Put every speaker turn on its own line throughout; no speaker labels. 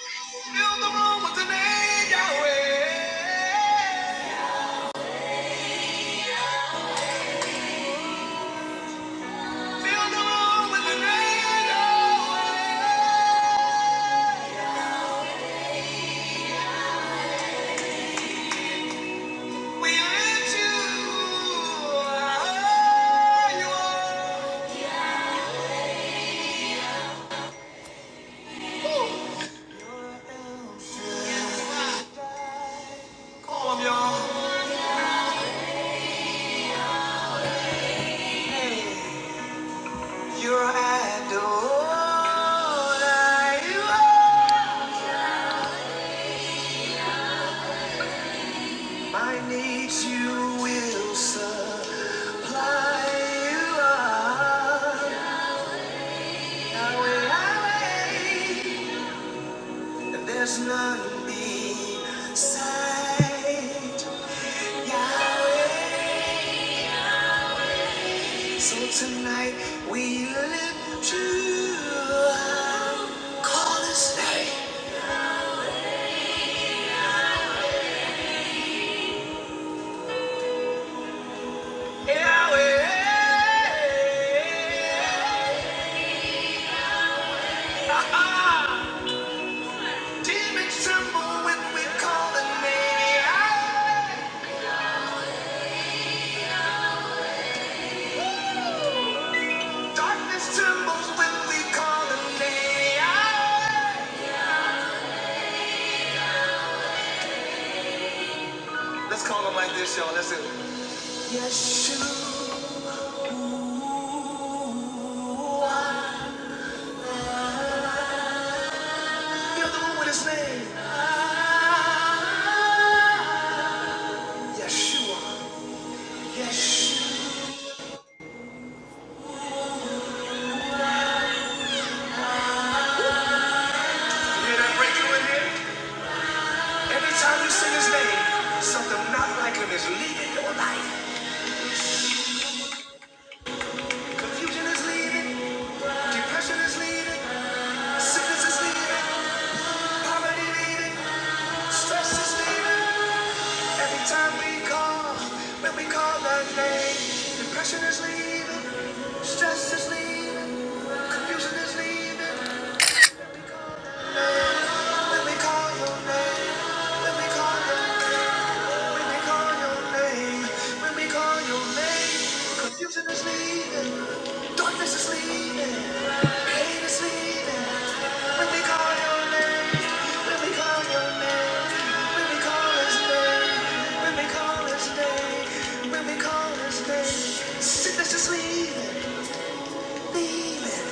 Fill the room with the name Yahweh. Fill the room with the name Yahweh. We lift you higher. Come on, y'all. You're Adonai. You are. My needs you will supply. You are Yahweh, Yahweh. And there's none beside Yahweh. So tonight we lift you up. Call his name Yahweh. Ah-ah. Demons tremble when we call the name Yahweh. Darkness trembles when we call the name Yahweh. Let's call him like this, y'all. Let's do it. Yeshua. in the room with his name. Yeshua. Yeshua. You hear that breakthrough in here? Every time you sing his name, something not like him is leaving your life. Confusion is leaving. Depression is leaving. Sickness is leaving. Poverty leaving. Stress is leaving. Every time we call, when we call that name, depression is leaving. Stress is leaving. Confusion is leaving. When we call your name, when we call your name. When they call your name, when we call your name, confusion is leaving, darkness is leaving, pain is leaving. When we call your name, when we call your name, when we call his name, when we call his name, sickness is leaving, leaving.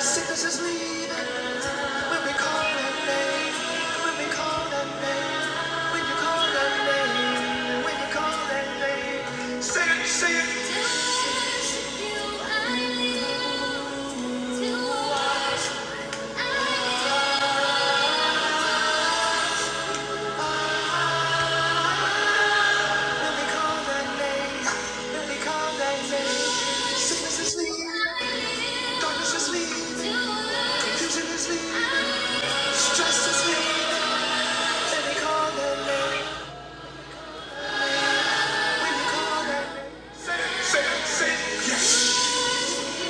Sickness is leaving when we call that name. When we call that name. When you call that name. When you call that name. Say it, say it. To worship you, I need to walk. When we call that name. When we call that name. Sickness is leaving. Darkness is leaving. Confusion is leaving. Stress is leaving. When we call that name. When you call that name. Say it, say it. Yeah. i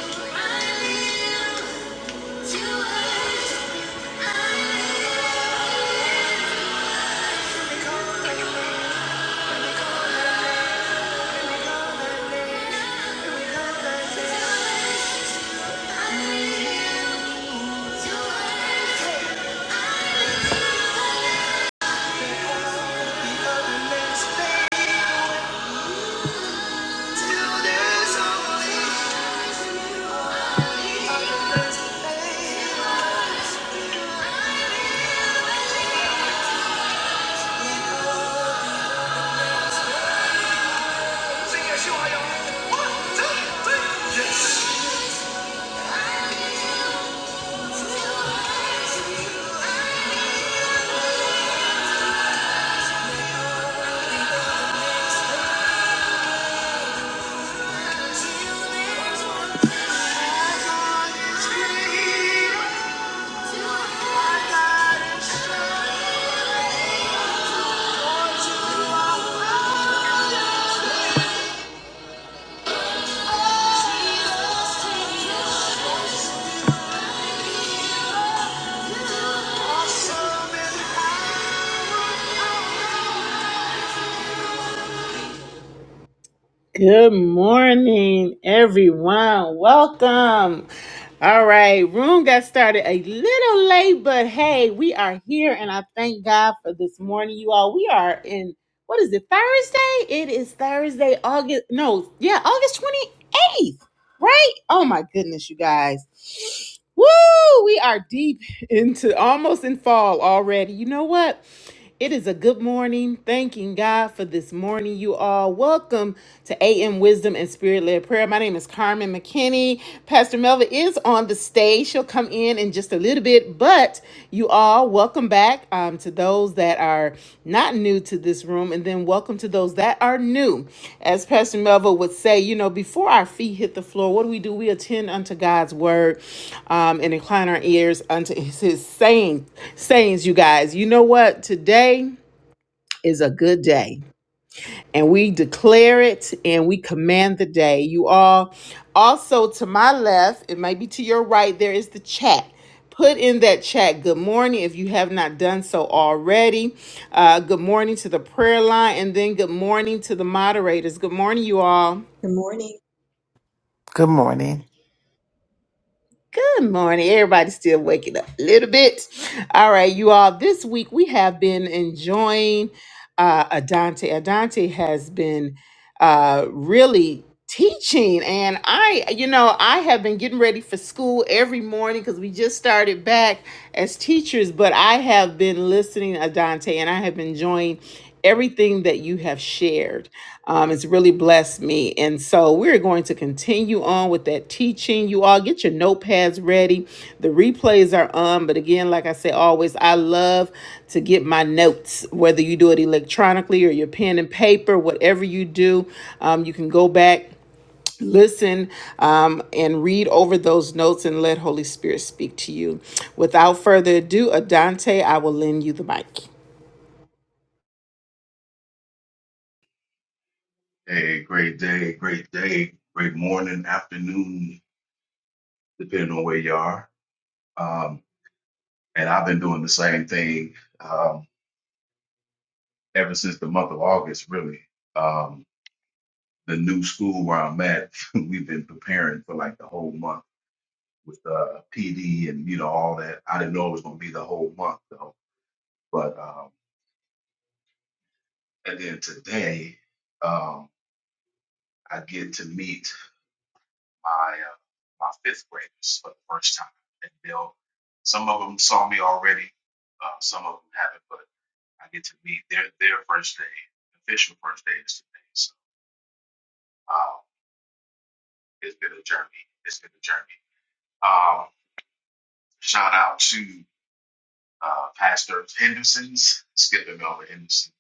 and high. Good morning, everyone. Welcome. All right, room got started a little late, but hey, we are here and I thank God for this morning, you all. We are in what is it, Thursday? It is Thursday, August, no, yeah, August 28th. Right? Oh my goodness, you guys. Woo! We are deep into almost in fall already. You know what? It is a good morning. Thanking God for this morning, you all. Welcome to AM Wisdom and Spirit Led Prayer. My name is Carmen McKinney. Pastor Melva is on the stage. She'll come in in just a little bit, but you all welcome back um, to those that are not new to this room, and then welcome to those that are new. As Pastor Melville would say, you know, before our feet hit the floor, what do we do? We attend unto God's word um, and incline our ears unto His, his saying, sayings. You guys, you know what? Today is a good day and we declare it and we command the day. You all also to my left, it might be to your right, there is the chat. Put in that chat good morning if you have not done so already. Uh, good morning to the prayer line, and then good morning to the moderators. Good morning, you all.
Good morning.
Good morning.
Good morning. Everybody's still waking up a little bit. All right, you all. This week we have been enjoying uh, Adante. Adante has been uh, really teaching, and I, you know, I have been getting ready for school every morning because we just started back as teachers. But I have been listening to Adante, and I have been enjoying everything that you have shared. Um, has really blessed me. And so we're going to continue on with that teaching. You all get your notepads ready. The replays are on. But again, like I say always, I love to get my notes, whether you do it electronically or your pen and paper, whatever you do, um, you can go back. Listen um, and read over those notes and let Holy Spirit speak to you. Without further ado, Adante, I will lend you the mic.
Hey, great day, great day, great morning, afternoon, depending on where you are. Um, and I've been doing the same thing um, ever since the month of August, really. Um, the new school where I'm at, we've been preparing for like the whole month with uh, PD and you know all that. I didn't know it was going to be the whole month though. But um, and then today, um, I get to meet my uh, my fifth graders for the first time, and they'll some of them saw me already, uh, some of them haven't, but I get to meet their their first day, official first day is today. So uh, it's been a journey. It's been a journey. Um, shout out to uh, Pastor Henderson's Skip and Melvin Henderson.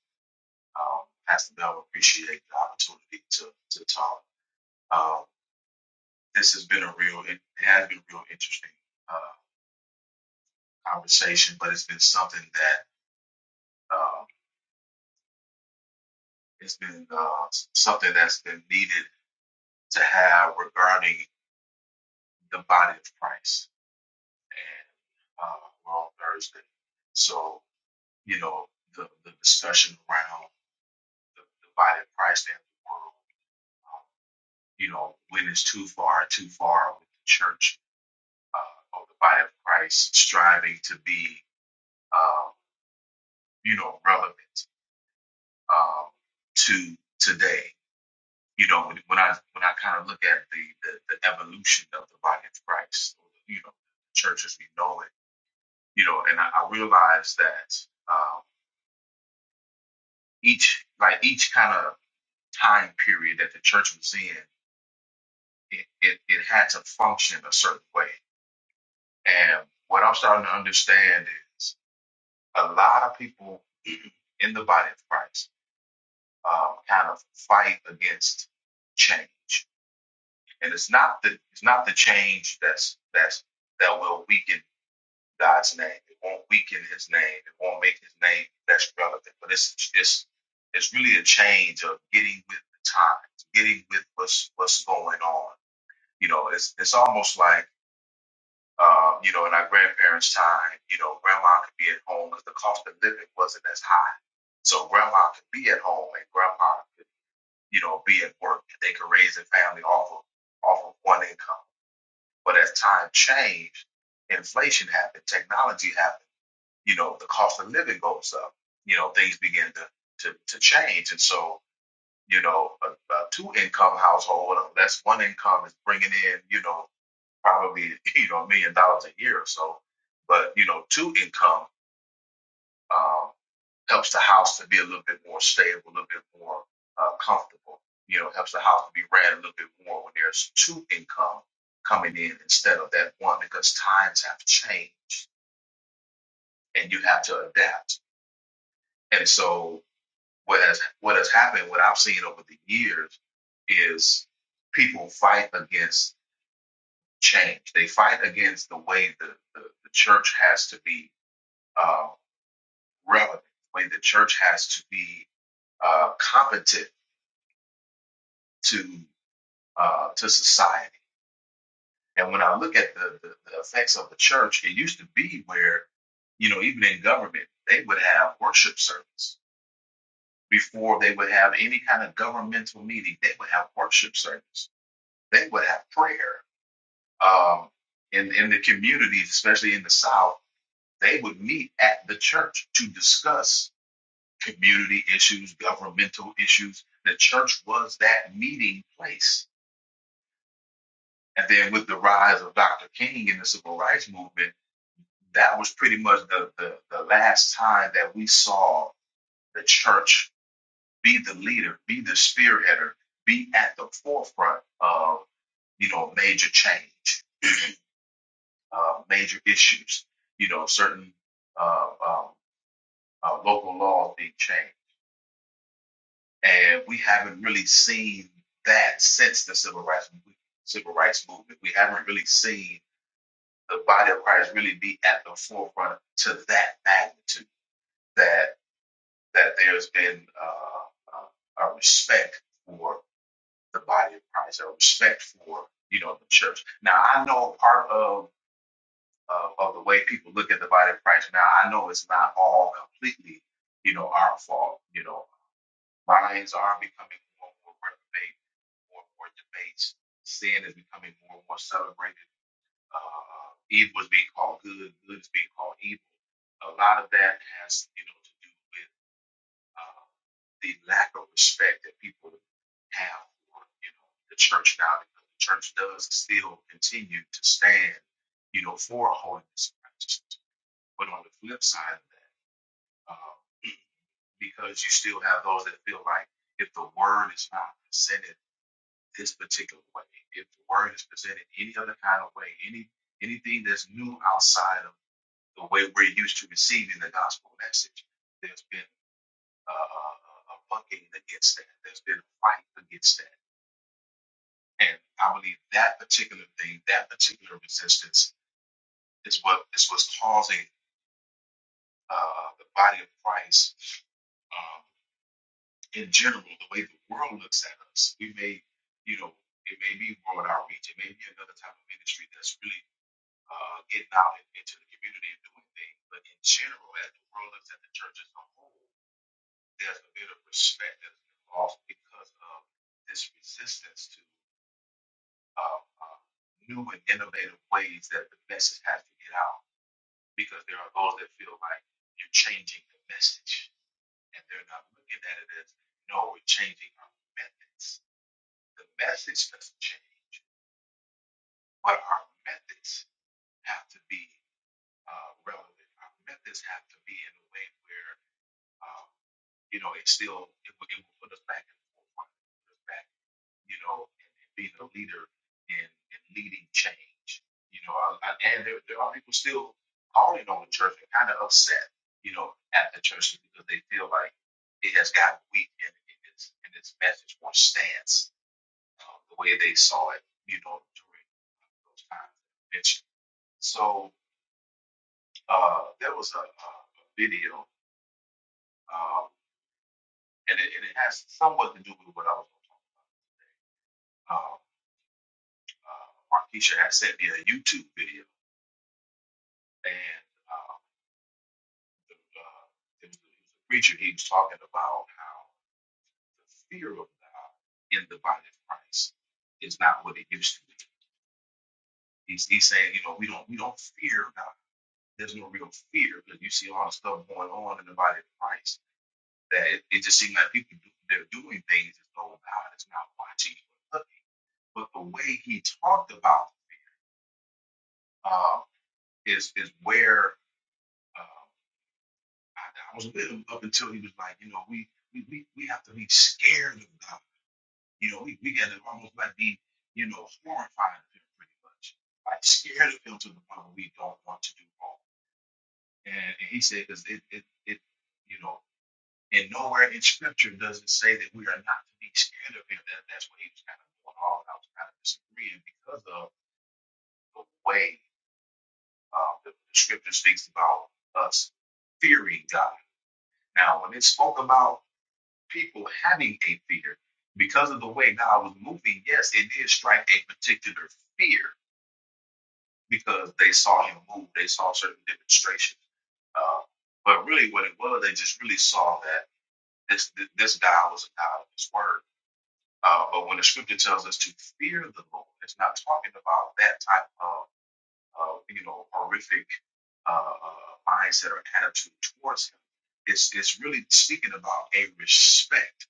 Um, Pastor Melvin, appreciate the opportunity to to talk. Um, this has been a real, it has been a real interesting uh, conversation, but it's been something that Uh, it's been uh, something that's been needed to have regarding the body of Christ. And uh, we're on Thursday. So, you know, the, the discussion around the, the body of Christ and the world, um, you know, when it's too far, too far with the church uh, or the body of Christ striving to be, uh, you know, relevant um, to today you know, when I when I kind of look at the, the the evolution of the body of Christ, you know, the church as we know it, you know, and I, I realize that um, each like each kind of time period that the church was in, it, it it had to function a certain way. And what I'm starting to understand is a lot of people in the body of Christ um, kind of fight against change, and it's not the it's not the change that's that's that will weaken God's name. It won't weaken his name. It won't make his name less relevant. But it's it's it's really a change of getting with the times, getting with what's what's going on. You know, it's it's almost like um, you know, in our grandparents' time, you know, grandma could be at home because the cost of living wasn't as high. So grandma could be at home and grandpa could, you know, be at work. They could raise a family off of off of one income. But as time changed, inflation happened, technology happened you know, the cost of living goes up. You know, things begin to to, to change, and so you know, a, a two income household, unless one income is bringing in, you know, probably you know a million dollars a year or so, but you know, two income um, helps the house to be a little bit more stable, a little bit more uh, comfortable. You know, helps the house to be ran a little bit more when there's two income coming in instead of that one because times have changed and you have to adapt. And so What has what has happened, what I've seen over the years, is people fight against change. They fight against the way the, the, the church has to be uh, relevant, the way the church has to be uh, competent to uh, to society. And when I look at the, the, the effects of the church, it used to be where, you know, even in government, they would have worship service before they would have any kind of governmental meeting. They would have worship service they would have prayer um, in in the communities, especially in the South. They would meet at the church to discuss community issues, governmental issues. The church was that meeting place. And then with the rise of Dr. King and the civil rights movement, that was pretty much the, the, the last time that we saw the church be the leader, be the spearheader, be at the forefront of, you know, major change. uh, major issues, you know, certain uh, uh, uh, local laws being changed. And we haven't really seen that since the civil rights movement. Civil rights movement. We haven't really seen the body of Christ really be at the forefront to that magnitude. That that there's been uh, uh, a respect for the body of Christ, a respect for you know the church. Now I know part of of, of the way people look at the body of Christ now. I know it's not all completely, you know, our fault. You know, minds are becoming more and more reprobate, more and more debates. Sin is becoming more and more celebrated. Uh, evil is being called good, good is being called evil. A lot of that has, you know, to do with uh, the lack of respect that people have for, you know, the church now. Because the church does still continue to stand, you know, for holiness and righteousness but on the flip side of that, um, because you still have those that feel like if the word is not presented this particular way, if the word is presented any other kind of way, any anything that's new outside of the way we're used to receiving the gospel message, there's been uh, a, a bucking against that. There's been a fight against that, and I believe that particular thing, that particular resistance, is what is what's causing uh, the body of Christ um, in general, the way the world looks at us, we may, you know, it may be world outreach, it may be another type of ministry that's really uh, getting out in- into the community and doing things. But in general, as the world looks at the church as a whole, there's a bit of respect that's been lost because of this resistance to uh, uh, new and innovative ways that the message has to get out. Because there are those that feel like you're changing the message, and they're not looking at it as no, we're changing our methods The message doesn't change, but our methods have to be uh, relevant. Our methods have to be in a way where, um, you know, it still it will, it will put us back in the forefront, put us back, you know, and, and being a leader in, in leading change. You know, I, I, and there, there are people still calling on the church and kind of upset, you know, at the church because they feel like it has gotten weak in, in its in its message or stance um, the way they saw it, you know, during uh, those times that I mentioned. So uh, there was a, a a video, um, and, it, and it has somewhat to do with what I was going to talk about. Um, uh, Markeisha had sent me a YouTube video, and um, the, uh, it, was, it was a preacher. He was talking about how the fear of God in the body of Christ is not what it used to be. He's, he's saying, you know, we don't we don't fear God there's no real fear because you see a lot of stuff going on in the body of Christ that it, it just seems like people do, they're doing things as though God is not watching or looking. But the way he talked about uh, is is where uh, I, I was with him up until he was like, you know, we we, we, we have to be scared of God. You know, we, we got to almost like be, you know, horrified of him pretty much, like scared of him to the point where we don't want to do wrong. And, and he said, because it, it, it, you know. And nowhere in scripture does it say that we are not to be scared of him. That, that's what he was kind of going on. I was kind of disagreeing because of the way uh, the, the scripture speaks about us fearing God. Now, when it spoke about people having a fear, because of the way God was moving, yes, it did strike a particular fear because they saw him move, they saw certain demonstrations. Uh, but really, what it was, they just really saw that this this God was a God of His word Uh, but when the scripture tells us to fear the Lord, it's not talking about that type of, of you know, horrific uh, uh, mindset or attitude towards him. It's, it's really speaking about a respect.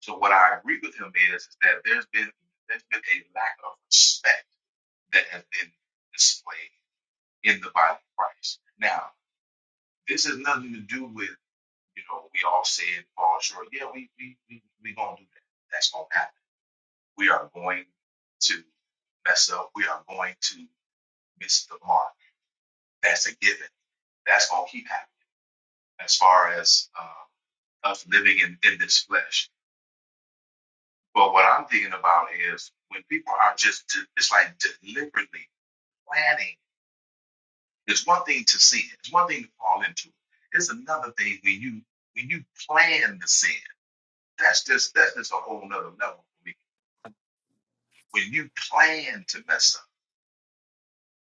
So what I agree with him is, is that there's been there's been a lack of respect that has been displayed in the body of Christ. Now, this has nothing to do with you know we all say it fall short. Yeah, we we we we gonna do that. That's gonna happen. we are going to mess up. We are going to miss the mark. That's a given. That's going to keep happening as far as uh, us living in, in this flesh. But what I'm thinking about is when people are just, de- it's like deliberately planning. It's one thing to sin. It's one thing to fall into. It's another thing when you when you plan the sin. That's just that's just a whole nother level for me. When you plan to mess up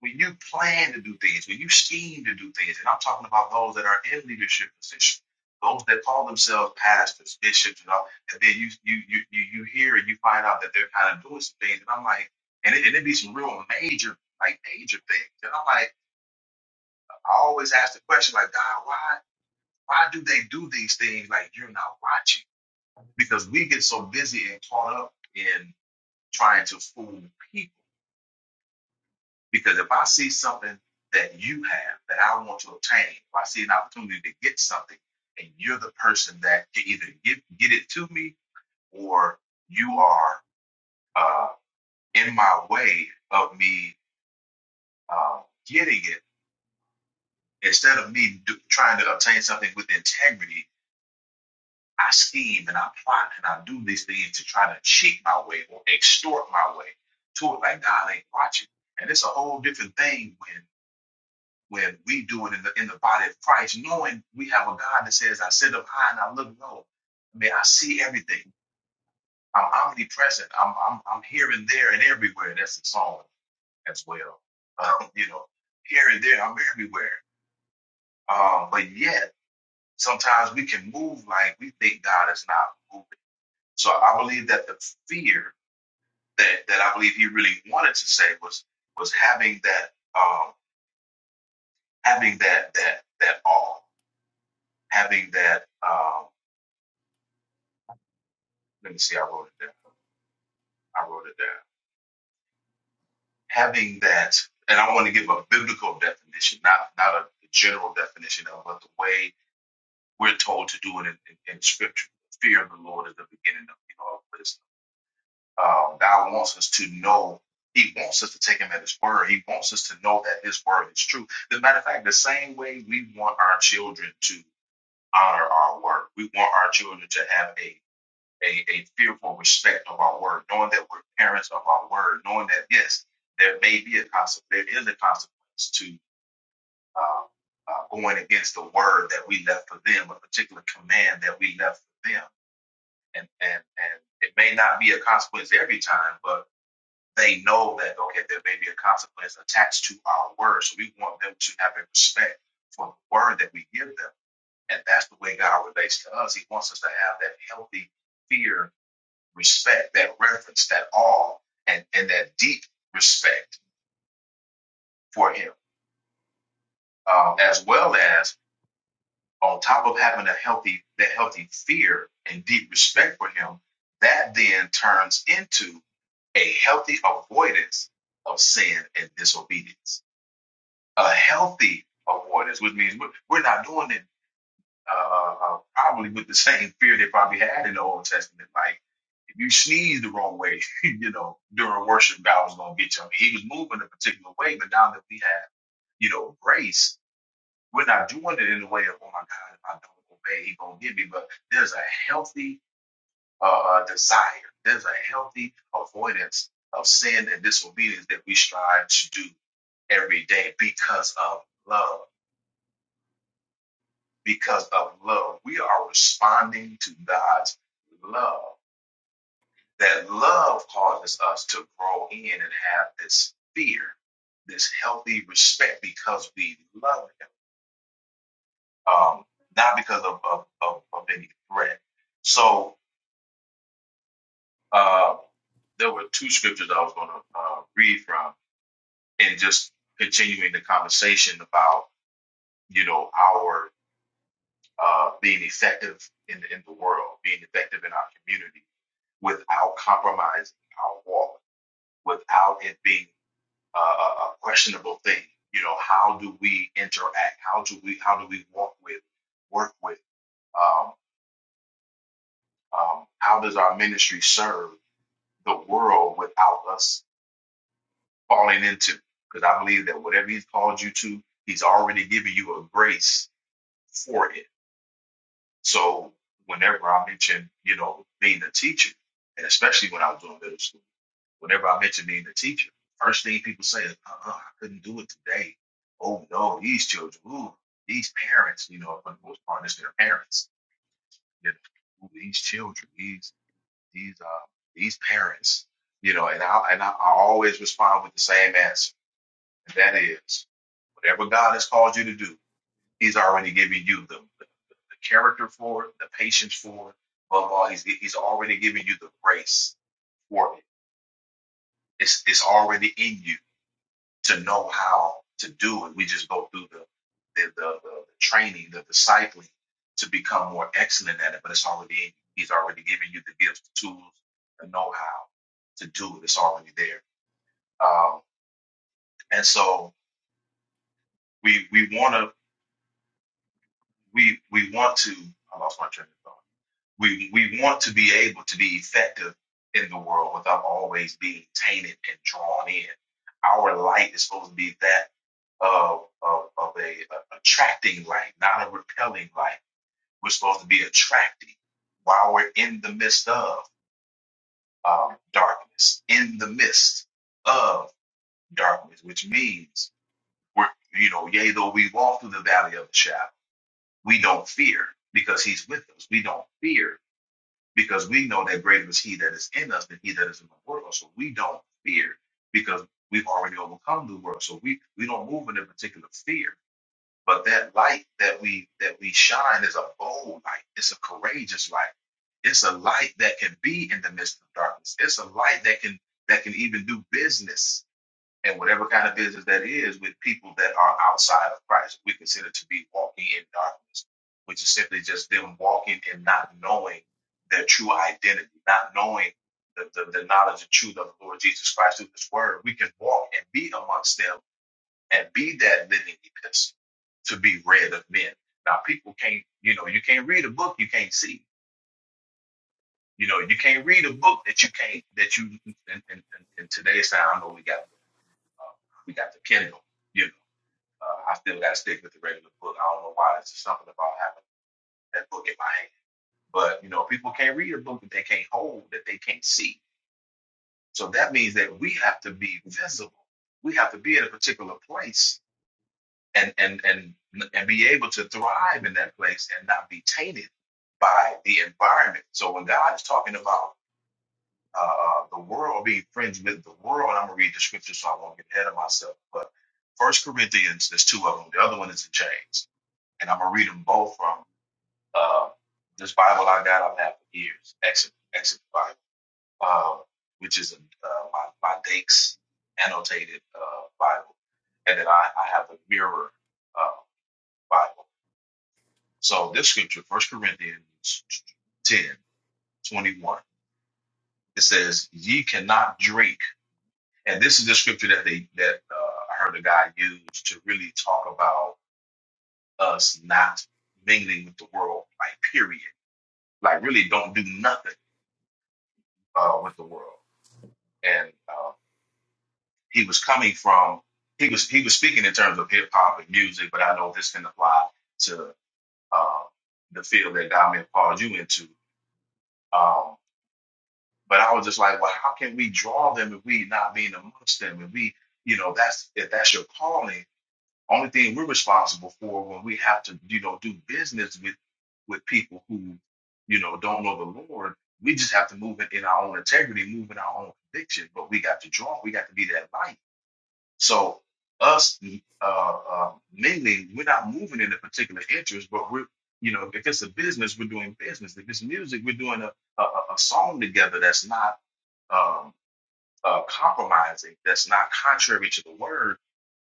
when you plan to do things, when you scheme to do things, and I'm talking about those that are in leadership positions, those that call themselves pastors, bishops, and all, and then you you you you, you hear and you find out that they're kind of doing some things, and I'm like, and it, and it be some real major like major things, and I'm like, I always ask the question like, God, why why do they do these things like you're not watching? Because we get so busy and caught up in trying to fool people Because if I see something that you have that I want to obtain, if I see an opportunity to get something, and you're the person that can either get get it to me or you are uh, in my way of me uh, getting it, instead of me do, trying to obtain something with integrity, I scheme and I plot and I do these things to try to cheat my way or extort my way to it like God ain't watching. And it's a whole different thing when. where we do it in the in the body of Christ, knowing we have a God that says, "I sit up high and I look low." I mean, I see everything. I'm omnipresent. I'm I'm I'm here and there and everywhere. That's the song as well. Um, you know, here and there, I'm everywhere. Um, but yet, sometimes we can move like we think God is not moving. So I believe that the fear that that I believe He really wanted to say was was having that um, having that that that awe, having that. um. Let me see. I wrote it down. I wrote it down. Having that, and I want to give a biblical definition, not not a general definition of, but the way we're told to do it in, in, in Scripture. Fear of the Lord is the beginning of you know of wisdom. Um, God wants us to know. He wants us to take Him at His word. He wants us to know that His word is true. As a matter of fact, the same way we want our children to honor our word, we want our children to have a a, a fearful respect of our word, knowing that we're parents of our word, knowing that yes, there may be a consequence, there is a consequence to uh, uh, going against the word that we left for them, a particular command that we left for them, and and and it may not be a consequence every time, but they know that okay, there may be a consequence attached to our word, so we want them to have a respect for the word that we give them, and that's the way God relates to us. He wants us to have that healthy fear respect, that reverence, that awe, and, and that deep respect for him, um, as well as on top of having a healthy, that healthy fear and deep respect for him, that then turns into a healthy avoidance of sin and disobedience. A healthy avoidance, which means we're we're not doing it uh, probably with the same fear they probably had in the Old Testament. Like, if you sneeze the wrong way, you know, during worship, God was going to get you. I mean, he was moving a particular way, but now that we have, you know, grace, we're not doing it in the way of, oh my God, if I don't obey, he's going to get me. But there's a healthy uh, uh, desire, there's a healthy avoidance of sin and disobedience that we strive to do every day because of love. because of love. We are responding to God's love. That love causes us to grow in and have this fear, this healthy respect because we love Him, um, not because of, of, of, of any threat. So uh, there were two scriptures I was going to uh, read from, and just continuing the conversation about you know our uh, being effective in in the world, being effective in our community without compromising our walk, without it being a, a a questionable thing. You know, how do we interact? How do we how do we walk with, work with? Um, um, how does our ministry serve the world without us falling into? Because I believe that whatever He's called you to, He's already given you a grace for it. So whenever I mention, you know, being a teacher, and especially when I was doing middle school. Whenever I mention being a teacher, first thing people say is, uh-uh, I couldn't do it today. Oh no, these children, ooh, these parents, you know, for the most part, it's their parents. You know, ooh, these children, these these uh these parents, you know, and I and I, I always respond with the same answer, and that is whatever God has called you to do, He's already given you the, the, the character for it, the patience for it. Above all, He's He's already given you the grace for it. It's it's already in you. to know how to do it. We just go through the the, the, the, the training, the discipling to become more excellent at it. But it's already in you. He's already given you the gifts, the tools, the know how to do it. It's already there. Um, and so we we want to we we want to. I lost my train of thought. We we want to be able to be effective in the world without always being tainted and drawn in. Our light is supposed to be that. of, of, of a, a attracting light, not a repelling light. We're supposed to be attracting while we're in the midst of um, darkness, in the midst of darkness, which means we're, you know, yea, though we walk through the valley of the shadow, we don't fear because he's with us. We don't fear because we know that greater is he that is in us than he that is in the world. So we don't fear because we've already overcome the world. So we, we don't move in a particular fear But that light that we that we shine is a bold light. It's a courageous light. It's a light that can be in the midst of darkness. It's a light that can that can even do business and whatever kind of business that is with people that are outside of Christ. We consider to be walking in darkness, which is simply just them walking and not knowing their true identity, not knowing the, the, the knowledge and truth of the Lord Jesus Christ through His Word. We can walk and be amongst them and be that living epistle to be read of men. Now people can't, you know, you can't read a book you can't see. You know, you can't read a book that you can't that you. In, in, in, in today's time, I know we got the, uh, we got the Kindle. You know, uh, I still got to stick with the regular book. I don't know why. It's just something about having that book in my hand. But you know, people can't read a book that they can't hold, that they can't see. So that means that we have to be visible. We have to be in a particular place and and and and be able to thrive in that place and not be tainted by the environment. So when God is talking about uh, uh, the world being friends with the world, and I'm gonna read the scripture so I won't get ahead of myself. But First Corinthians, there's two of them. The other one is in James, and I'm gonna read them both from uh, this Bible I got I've had for years, Exit Exit Bible, um, which is uh, my my Dakes annotated uh, Bible, and then I, I have the Mirror uh, Bible. So this scripture, First Corinthians 10 21, it says, ye cannot drink. And this is the scripture that they that uh, I heard a guy use to really talk about us not mingling with the world, like period. Like really don't do nothing uh, with the world. And uh, he was coming from he was he was speaking in terms of hip hop and music, but I know this can apply to uh, the field that God may have called you into. Um, But I was just like, well, how can we draw them if we not being amongst them? If we, you know, that's if that's your calling, only thing we're responsible for when we have to, you know, do business with with people who, you know, don't know the Lord, we just have to move it in our own integrity, move in our own conviction. But we got to draw, we got to be that light. So us uh, uh mingling, we're not moving in a particular interest, but we're you know, if it's a business, we're doing business. If it's music, we're doing a, a, a a song together that's not um, uh, compromising that's not contrary to the word,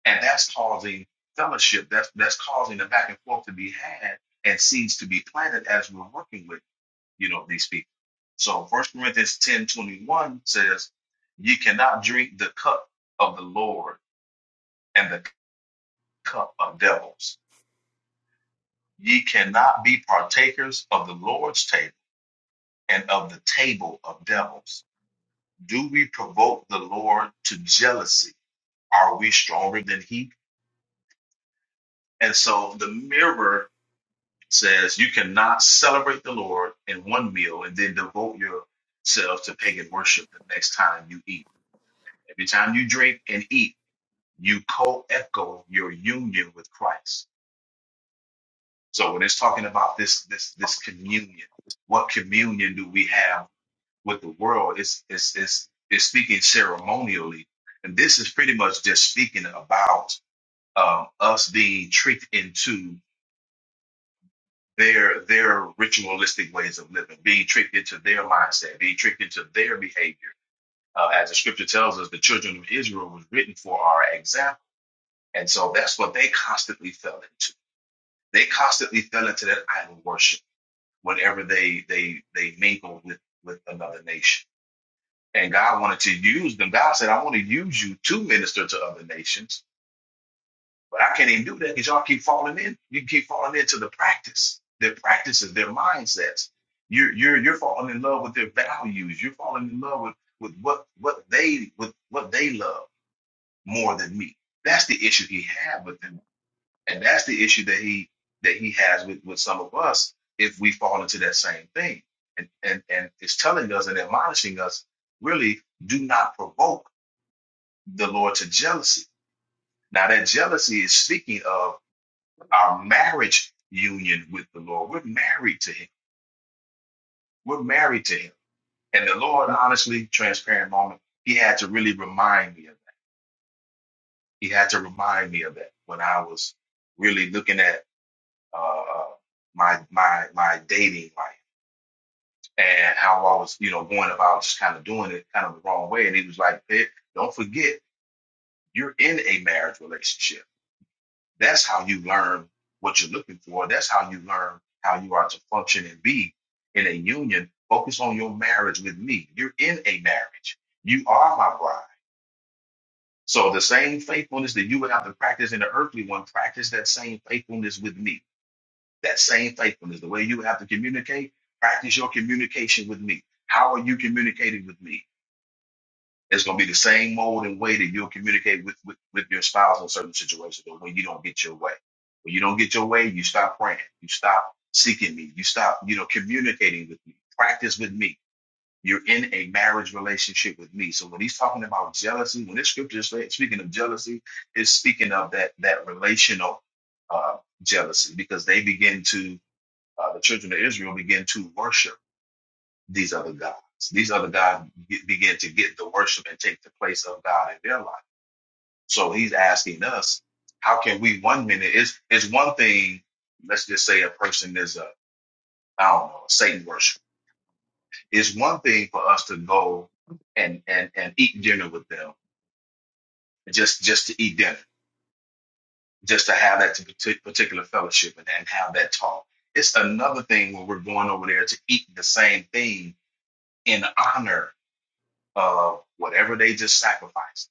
and that's causing fellowship. That's that's causing the back and forth to be had and seeds to be planted as we're working with you know these people. So First Corinthians ten twenty one says, "Ye cannot drink the cup of the Lord and the cup of devils. Ye cannot be partakers of the Lord's table and of the table of devils. Do we provoke the Lord to jealousy? Are we stronger than He? And so the mirror says you cannot celebrate the Lord in one meal and then devote yourself to pagan worship the next time you eat. Every time you drink and eat, you co-echo your union with Christ. So when it's talking about this this this communion, what communion do we have with the world? It's it's it's, it's speaking ceremonially, and this is pretty much just speaking about um, us being tricked into. their their ritualistic ways of living, being tricked into their mindset, being tricked into their behavior. Uh, as the scripture tells us, the children of Israel was written for our example, and so that's what they constantly fell into. They constantly fell into that idol worship whenever they they they mingle with with another nation. And God wanted to use them. God said, "I want to use you to minister to other nations." But I can't even do that because y'all keep falling in. You keep falling into the practice, their practices, their mindsets. You're you're you're falling in love with their values. You're falling in love with with what what they with what they love more than me. That's the issue he had with them, and that's the issue that he that he has with with some of us if we fall into that same thing. And and and it's telling us and admonishing us really do not provoke the Lord to jealousy. Now that jealousy is speaking of our marriage union with the Lord. We're married to Him. We're married to Him. And the Lord, honestly, transparent moment, He had to really remind me of that. He had to remind me of that when I was really looking at uh, my my my dating life and how I was, you know, going about just kind of doing it kind of the wrong way. And He was like, "Hey, "Don't forget, you're in a marriage relationship." That's how you learn what you're looking for. That's how you learn how you are to function and be in a union. Focus on your marriage with me. You're in a marriage. You are my bride. So the same faithfulness that you would have to practice in the earthly one, practice that same faithfulness with me. That same faithfulness, the way you would have to communicate, practice your communication with me. How are you communicating with me? It's gonna be the same mode and way that you'll communicate with, with, with your spouse in certain situations But when you don't get your way. When you don't get your way, you stop praying, you stop seeking me, you stop, you know, communicating with me, practice with me. You're in a marriage relationship with me. So when he's talking about jealousy, when this scripture is saying- speaking of jealousy, it's speaking of that that relational uh, jealousy because they begin to uh, the children of Israel begin to worship these other gods. These other gods be- begin to get the worship and take the place of God in their life. So he's asking us, how can we one minute it's it's one thing, let's just say a person is a I don't know, a Satan worship. It's one thing for us to go and and and eat dinner with them, just just to eat dinner, just to have that partic- particular fellowship and, and have that talk. It's another thing when we're going over there to eat the same thing in honor of whatever they just sacrificed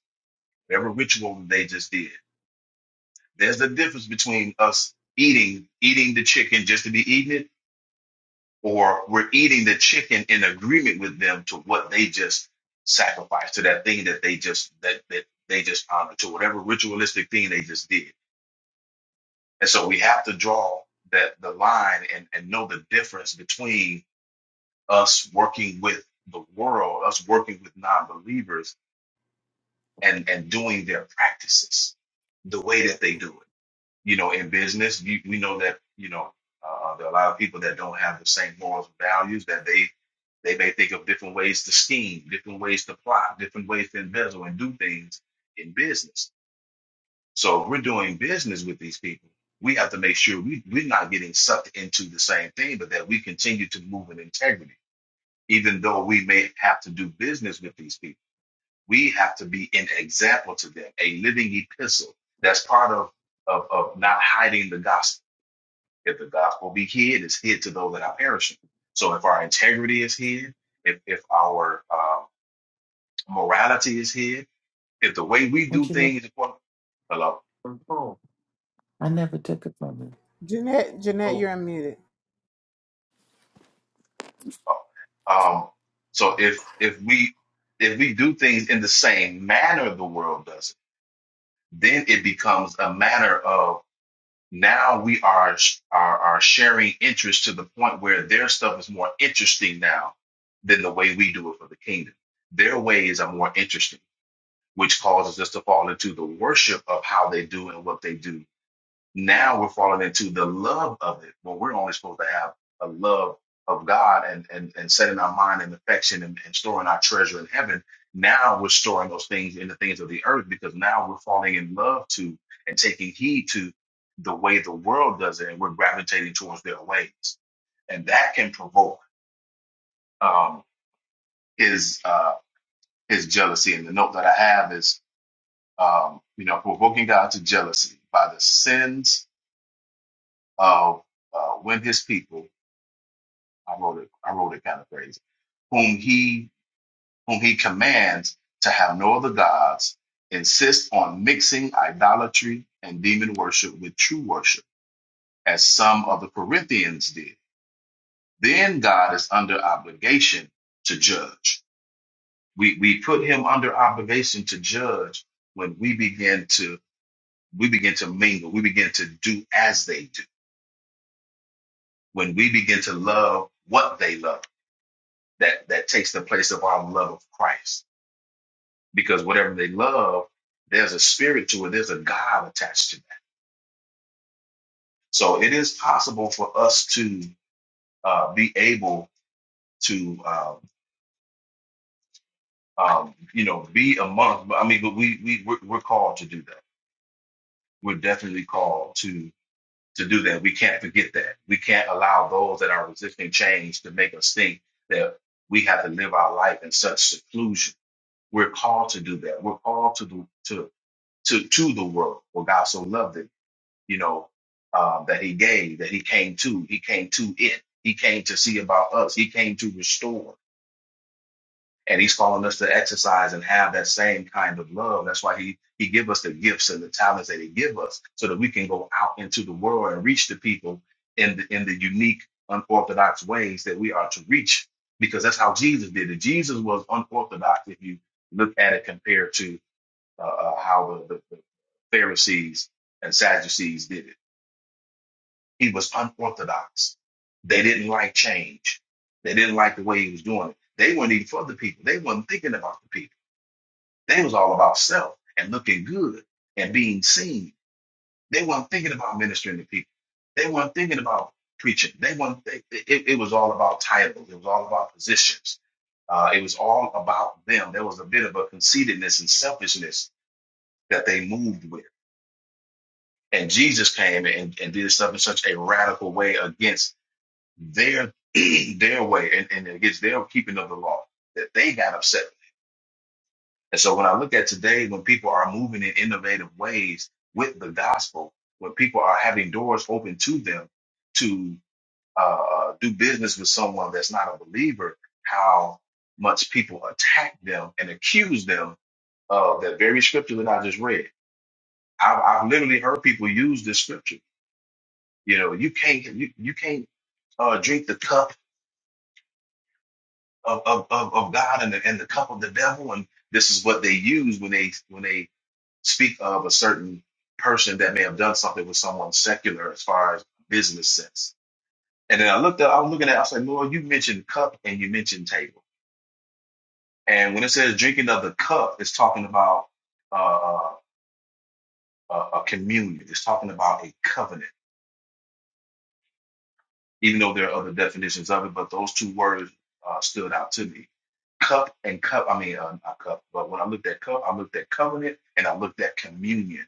whatever ritual that they just did. There's a difference between us eating eating the chicken just to be eating it, or we're eating the chicken in agreement with them to what they just sacrificed to that thing that they just that that they just honored to whatever ritualistic thing they just did. And so we have to draw that the line and, and know the difference between us working with the world, us working with non-believers and, and doing their practices the way that they do it you know, in business, you, we know that you know uh, there are a lot of people that don't have the same morals and values that they they may think of different ways to scheme, different ways to plot, different ways to embezzle and do things in business. So if we're doing business with these people, we have to make sure we, we're not getting sucked into the same thing, but that we continue to move in integrity, even though we may have to do business with these people. We have to be an example to them, a living epistle. That's part of of, of not hiding the gospel if the gospel be hid, it's hid to those that are perishing. So if our integrity is hid, if, if our uh, morality is hid, if the way we
What
do
you look
things, hello,
for? I never took it from you.
Jeanette, Jeanette, you're unmuted.
Oh. um, so if if we if we do things in the same manner the world does, then it becomes a matter of now we are are, are sharing interest to the point where their stuff is more interesting now than the way we do it for the kingdom. Their ways are more interesting. which causes us to fall into the worship of how they do and what they do. Now we're falling into the love of it when we're only supposed to have a love of God and and, and setting our mind in affection and, and storing our treasure in heaven. Now we're storing those things in the things of the earth because now we're falling in love to and taking heed to the way the world does it and we're gravitating towards their ways. And that can provoke um, his uh, his jealousy. And the note that I have is um, you know, provoking God to jealousy by the sins of uh, when His people. I wrote it. I wrote it kind of crazy. Whom He whom He commands to have no other gods, insist on mixing idolatry and demon worship with true worship, as some of the Corinthians did. Then God is under obligation to judge. We we put Him under obligation to judge when we begin to we begin to mingle. We begin to do as they do when we begin to love what they love, that that takes the place of our love of Christ. Because whatever they love, there's a spirit to it, there's a God attached to that. So it is possible for us to uh, be able to, um, um, you know, be among. I mean, but we we we're, we're called to do that. We're definitely called to to do that. We can't forget that. We can't allow those that are resisting change to make us think that we have to live our life in such seclusion We're called to do that. We're called to the to to to the world. For God so loved it, you know, um, that He gave, that He came to. He came to it. He came to see about us. He came to restore. And He's calling us to exercise and have that same kind of love. That's why He He give us the gifts and the talents that He give us, so that we can go out into the world and reach the people in the in the unique, unorthodox ways that we are to reach because that's how Jesus did it. Jesus was unorthodox if you look at it compared to uh, uh, how the, the, the Pharisees and Sadducees did it. He was unorthodox. They didn't like change. They didn't like the way he was doing it. They weren't even for the people. They weren't thinking about the people. They was all about self and looking good and being seen. They weren't thinking about ministering to people. They weren't thinking about preaching. They weren't. They, it, it was all about titles. It was all about positions. Uh, it was all about them. There was a bit of a conceitedness and selfishness that they moved with and Jesus came and, and did stuff in such a radical way against their their way and, and against their keeping of the law that they got upset. with. And so when I look at today, when people are moving in innovative ways with the gospel, when people are having doors open to them to uh, uh, do business with someone that's not a believer, how much people attack them and accuse them of that very scripture that I just read. I've, I've literally heard people use this scripture You know, you can't you, you can't uh, drink the cup of, of, of, of God and the, and the cup of the devil. And this is what they use when they when they speak of a certain person that may have done something with someone secular as far as business sense. And then I looked up, I was looking at, I was like, Lord, you mentioned cup and you mentioned table. And when it says drinking of the cup, it's talking about uh, uh, a a communion. It's talking about a covenant even though there are other definitions of it, but those two words uh, stood out to me. Cup and cup, I mean, uh, not cup, but when I looked at cup, I looked at covenant and I looked at communion.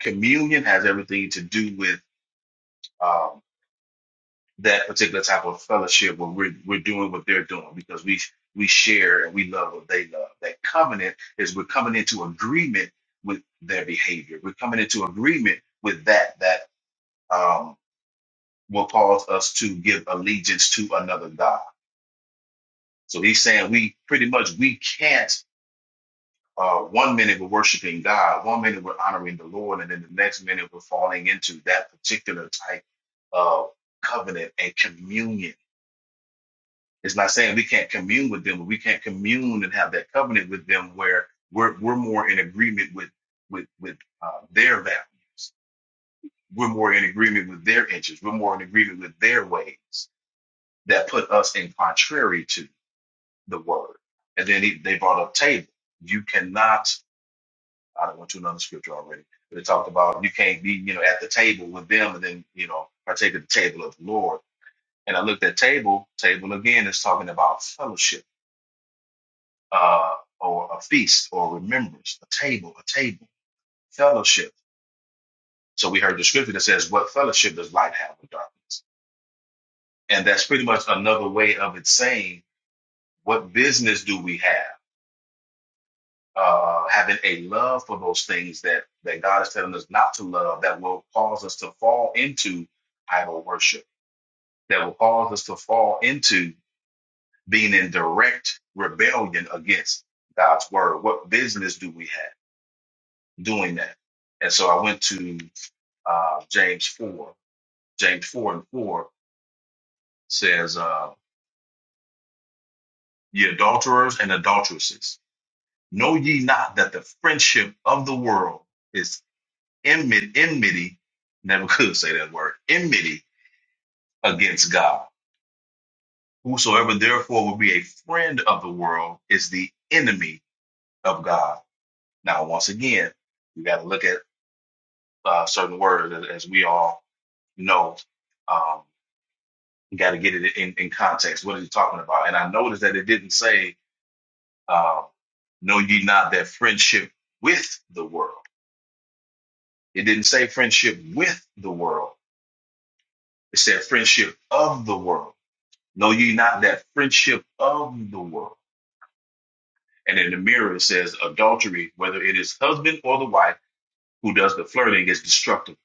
Communion has everything to do with um, that particular type of fellowship where we're, we're doing what they're doing because we we share and we love what they love. That covenant is we're coming into agreement with their behavior. We're coming into agreement with that that um, will cause us to give allegiance to another God So he's saying we pretty much we can't. Uh, one minute we're worshiping God, one minute we're honoring the Lord, and then the next minute we're falling into that particular type of covenant and communion. It's not saying we can't commune with them, but we can't commune and have that covenant with them where we're we're more in agreement with with with uh, their values. We're more in agreement with their interests. We're more in agreement with their ways that put us in contrary to. the word. And then he, they brought up table. You cannot, I don't went to another scripture already, but it talked about you can't be, you know, at the table with them and then, you know, partake of the table of the Lord. And I looked at table, table again is talking about fellowship, uh, or a feast or remembrance, a table, a table, fellowship. So we heard the scripture that says, What fellowship does light have with darkness? And that's pretty much another way of it saying, What business do we have? uh, having a love for those things that that God is telling us not to love, that will cause us to fall into idol worship, that will cause us to fall into being in direct rebellion against God's word. What business do we have doing that? And so I went to uh, James four. James four and four says, uh, "Ye adulterers and adulteresses, know ye not that the friendship of the world." enmity, enmity, never could say that word, enmity against God. Whosoever therefore will be a friend of the world is the enemy of God. Now, once again, we got to look at uh, certain words as as we all know. Um, you got to get it in, in context. What are you talking about? And I noticed that it didn't say, uh, know ye not that friendship with the world. It didn't say friendship with the world. It said friendship of the world Know ye not that friendship of the world? And in the mirror it says adultery, whether it is husband or the wife who does the flirting, is destructive.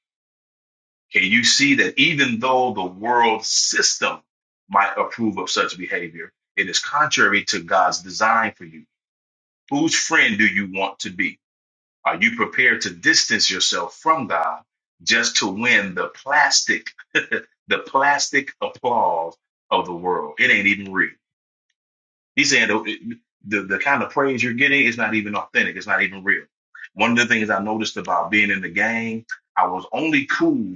Can you see that even though the world system might approve of such behavior, it is contrary to God's design for you? Whose friend do you want to be? Are you prepared to distance yourself from God just to win the plastic, the plastic applause of the world? It ain't even real. He's saying the, the the kind of praise you're getting is not even authentic. It's not even real. One of the things I noticed about being in the game, I was only cool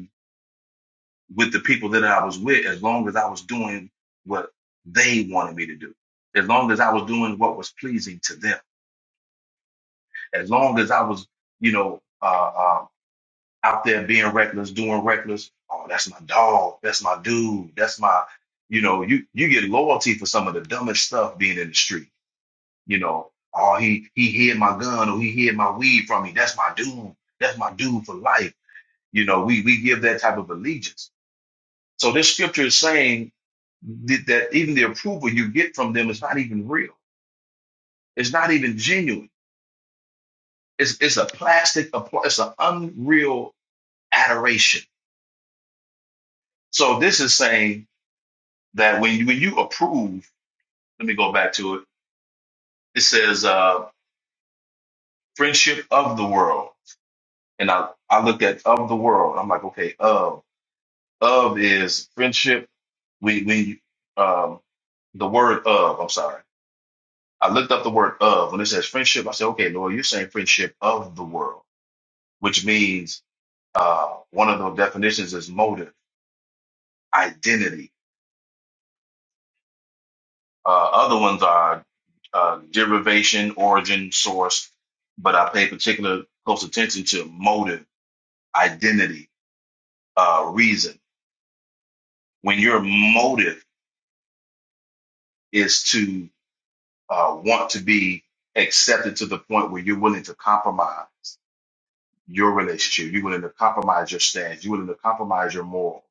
with the people that I was with as long as I was doing what they wanted me to do. As long as I was doing what was pleasing to them. As long as I was, you know, uh, uh, out there being reckless, doing reckless. Oh, that's my dog. That's my dude. That's my, you know, you you get loyalty for some of the dumbest stuff being in the street You know, oh he he hid my gun or he hid my weed from me. That's my dude. That's my dude for life. You know, we we give that type of allegiance. So this scripture is saying that, that even the approval you get from them is not even real. It's not even genuine. It's it's a plastic. appl- It's an unreal adoration. So this is saying that when you, when you approve, let me go back to it. It says uh, friendship of the world, and I I looked at of the world. I'm like, okay, of. Of is friendship. We we um the word of. I'm sorry. I looked up the word of when it says friendship. I said, okay, Lord, you're saying friendship of the world, which means uh one of the definitions is motive, identity. Uh, other ones are uh, derivation, origin, source, but I pay particular close attention to motive, identity, uh, reason. When your motive is to uh, want to be accepted to the point where you're willing to compromise your relationship, you're willing to compromise your stance, you're willing to compromise your morals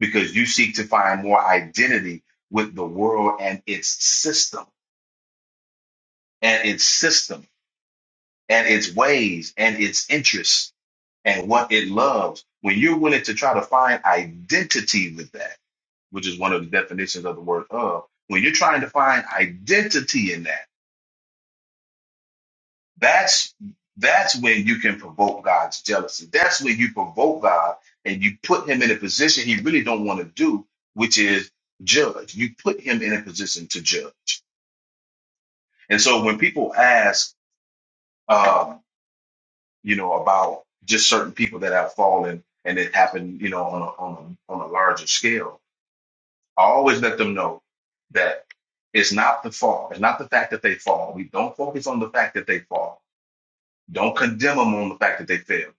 because you seek to find more identity with the world and its system, and its system, and its ways, and its interests, and what it loves. When you're willing to try to find identity with that, which is one of the definitions of the word of, when you're trying to find identity in that That's that's when you can provoke God's jealousy. That's when you provoke God and you put him in a position he really don't want to do, which is judge. You put him in a position to judge. And so when people ask, um, you know, about just certain people that have fallen and it happened, you know, on a, on a, on a larger scale, I always let them know that it's not the fall. It's not the fact that they fall. We don't focus on the fact that they fall. Don't condemn them on the fact that they fail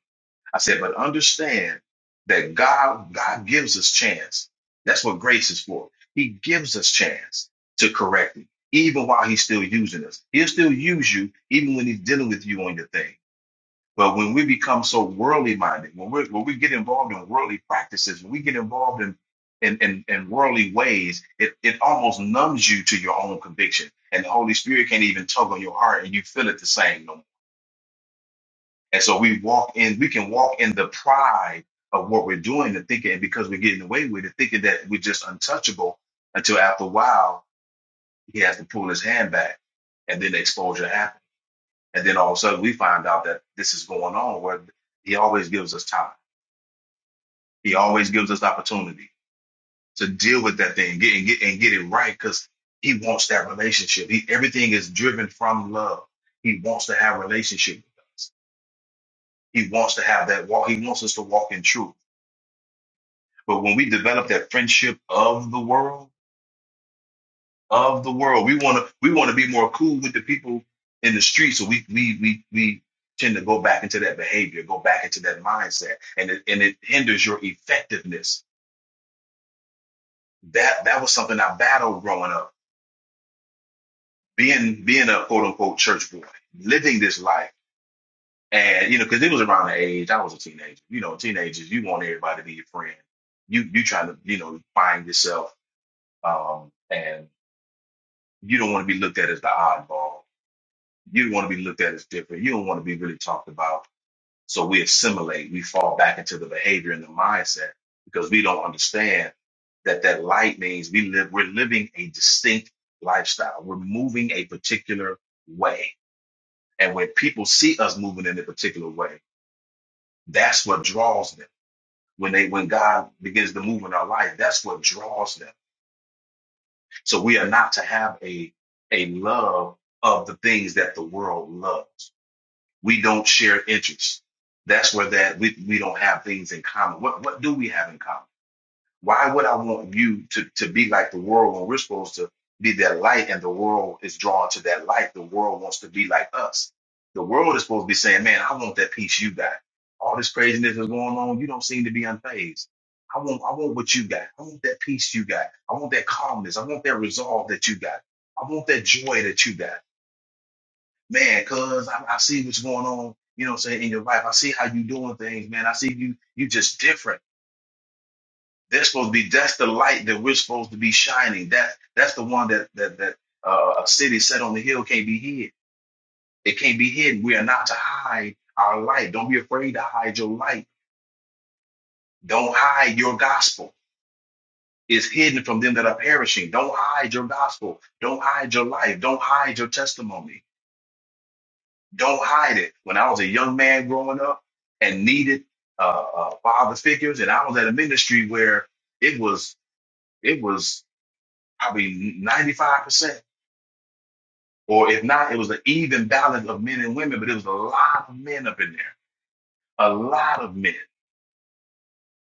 I said, but understand that God, God gives us chance. That's what grace is for. He gives us chance to correct it, even while he's still using us. He'll still use you even when he's dealing with you on your thing. But when we become so worldly minded, when we when we get involved in worldly practices, when we get involved in in, in, in worldly ways, it, it almost numbs you to your own conviction. And the Holy Spirit can't even tug on your heart and you feel it the same no more. And so we walk in, we can walk in the pride of what we're doing and thinking, and because we're getting away with it, thinking that we're just untouchable until after a while, he has to pull his hand back and then the exposure happens. And then all of a sudden we find out that this is going on where he always gives us time. He always gives us opportunity to deal with that thing get, and get, and get it right because he wants that relationship. He, everything is driven from love. He wants to have relationship with us. He wants to have that walk. He wants us to walk in truth. But when we develop that friendship of the world, of the world, we want to we want to be more cool with the people in the street. So we we we we tend to go back into that behavior, go back into that mindset, and it and it hinders your effectiveness. That that was something I battled growing up, being being a quote unquote church boy, living this life, and you know because it was around the age I was a teenager. You know, teenagers, you want everybody to be your friend. You you trying to you know find yourself. Um, and you don't want to be looked at as the oddball. You don't want to be looked at as different. You don't want to be really talked about. So we assimilate. We fall back into the behavior and the mindset because we don't understand that that light means we live. We're living a distinct lifestyle. We're moving a particular way, and when people see us moving in a particular way, that's what draws them. When they when God begins to move in our life, that's what draws them. So we are not to have a a love of the things that the world loves we don't share interests. That's where that we, we don't have things in common. What what do we have in common? Why would I want you to, to be like the world when we're supposed to be that light and the world is drawn to that light? The world wants to be like us. The world is supposed to be saying, Man, I want that peace you got. All this craziness is going on, you don't seem to be unfazed. I want I want what you got. I want that peace you got. I want that calmness. I want that resolve that you got. I want that joy that you got man, cuz I, I see what's going on, you know what I'm saying, in your life. I see how you doing things, man. I see you you just different. That's supposed to be that's the light that we're supposed to be shining. That that's the one that that that uh, a city set on the hill can't be hid. It can't be hidden. We are not to hide our light. Don't be afraid to hide your light. Don't hide your gospel. It's hidden from them that are perishing. Don't hide your gospel. Don't hide your life. Don't hide your testimony. Don't hide it. When I was a young man growing up and needed uh, uh, father figures, and I was at a ministry where it was it was probably ninety five percent, or if not, it was an even balance of men and women, but it was a lot of men up in there, a lot of men.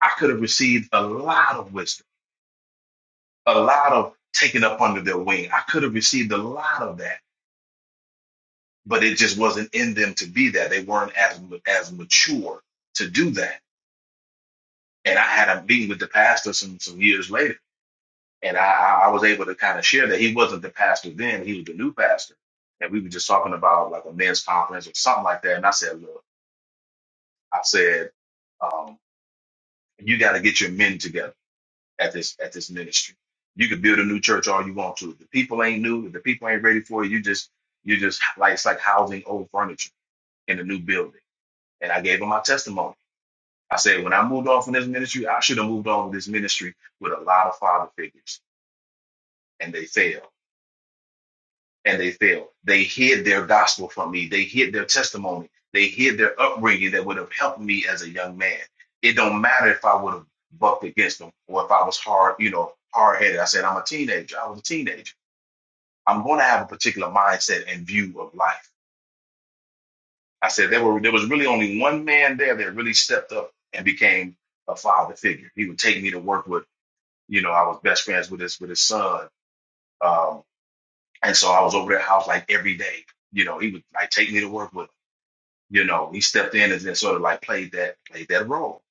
I could have received a lot of wisdom, a lot of taken up under their wing. I could have received a lot of that, but it just wasn't in them to be that. They weren't as as mature to do that And I had a meeting with the pastor some some years later, and I I I was able to kind of share that he wasn't the pastor then; he was the new pastor. And we were just talking about like a men's conference or something like that. And I said, look, I said, um, you got to get your men together at this at this ministry. You can build a new church all you want to. If the people ain't new, if the people ain't ready for it, you just you just like it's like housing old furniture in a new building. And I gave him my testimony. I said, when I moved on from this ministry, I should have moved on with this ministry with a lot of father figures and they fail and they fail. They hid their gospel from me. They hid their testimony. They hid their upbringing that would have helped me as a young man. It don't matter if I would have bucked against them or if I was hard, you know, hard headed. I said, I'm a teenager. I was a teenager. I'm going to have a particular mindset and view of life. I said there were there was really only one man there that really stepped up and became a father figure. He would take me to work with, you know, I was best friends with his with his son. Um, And so I was over their house like every day. You know, he would like take me to work with him. You know, he stepped in and, then sort of like played that played that role.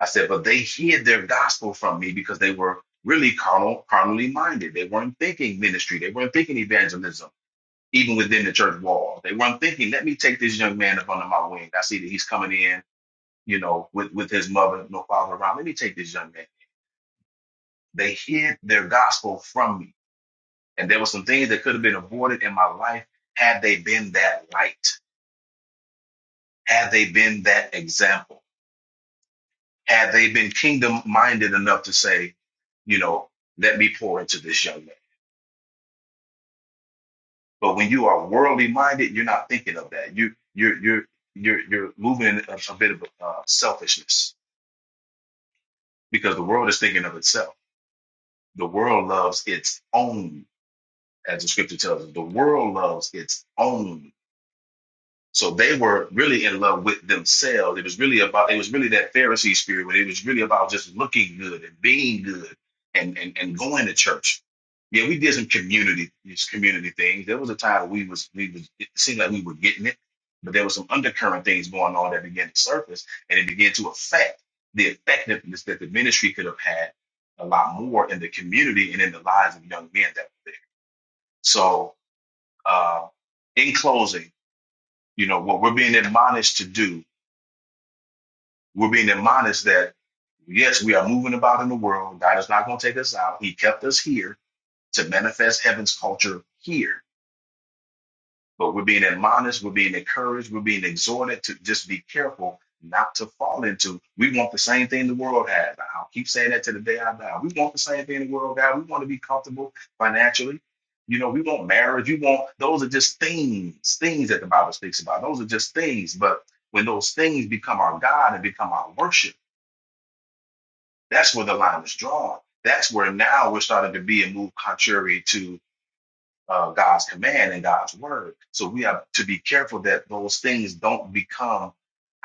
I said, but they hid their gospel from me because they were really carnal, carnally minded. They weren't thinking ministry. They weren't thinking evangelism, even within the church walls. They weren't thinking, let me take this young man up under my wing. I see that he's coming in, you know, with, with his mother, no father around. Let me take this young man. They hid their gospel from me. And there were some things that could have been avoided in my life had they been that light Have they been that example? Have they been kingdom minded enough to say, you know, let me pour into this young man? But when you are worldly minded, you're not thinking of that. You you're you're you're you're moving in a, a bit of uh, selfishness because the world is thinking of itself. The world loves its own, as the scripture tells us. The world loves its own. So they were really in love with themselves. It was really about it was really that Pharisee spirit where it was really about just looking good and being good and and, and going to church. Yeah, we did some community these community things. There was a time we was we was it seemed like we were getting it, but there was some undercurrent things going on that began to surface and it began to affect the effectiveness that the ministry could have had a lot more in the community and in the lives of young men that were there. So uh in closing you know, what we're being admonished to do, we're being admonished that, yes, we are moving about in the world. God is not going to take us out. He kept us here to manifest heaven's culture here But we're being admonished, we're being encouraged, we're being exhorted to just be careful not to fall into. We want the same thing the world has. I'll keep saying that to the day I die. We want the same thing the world has. We want to be comfortable financially. You know, we want marriage. You want those are just things, things that the Bible speaks about. Those are just things. But when those things become our God and become our worship, that's where the line is drawn. That's where now we're starting to be and move contrary to uh, God's command and God's word. So we have to be careful that those things don't become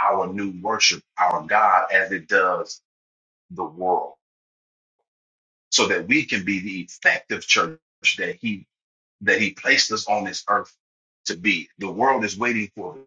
our new worship, our God, as it does the world, so that we can be the effective church that He that He placed us on this earth to be. The world is waiting for it.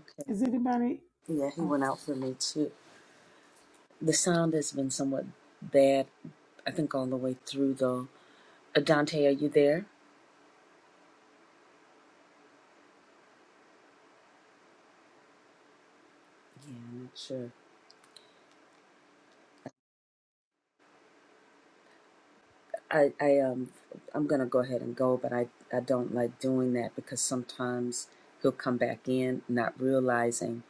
Okay.
Is anybody?
Yeah, he went out for me too. The sound has been somewhat bad, I think, all the way through though. Uh, Dante, are you there? Yeah, I'm not sure. I, I um I'm gonna go ahead and go, but I, I don't like doing that because sometimes he'll come back in not realizing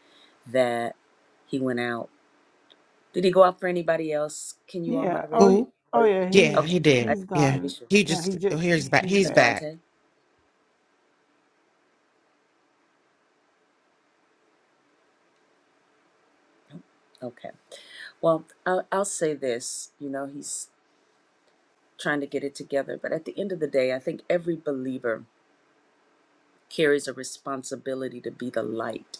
that he went out. Did he go out for anybody else? Can you all
Yeah. Oh.
moderate it?
y-
Who?
Or
Oh
you good?
yeah. He's
Yeah,
Okay.
he
I
did.
he's
just want
Yeah,
to be
gone
sure.
he
now. He
just oh,
just
here's back.
he's
Uh,
He's
back.
back.
Dante? Okay. Well, I'll, I'll say this. You know, he's trying to get it together. But at the end of the day, I think every believer carries a responsibility to be the light.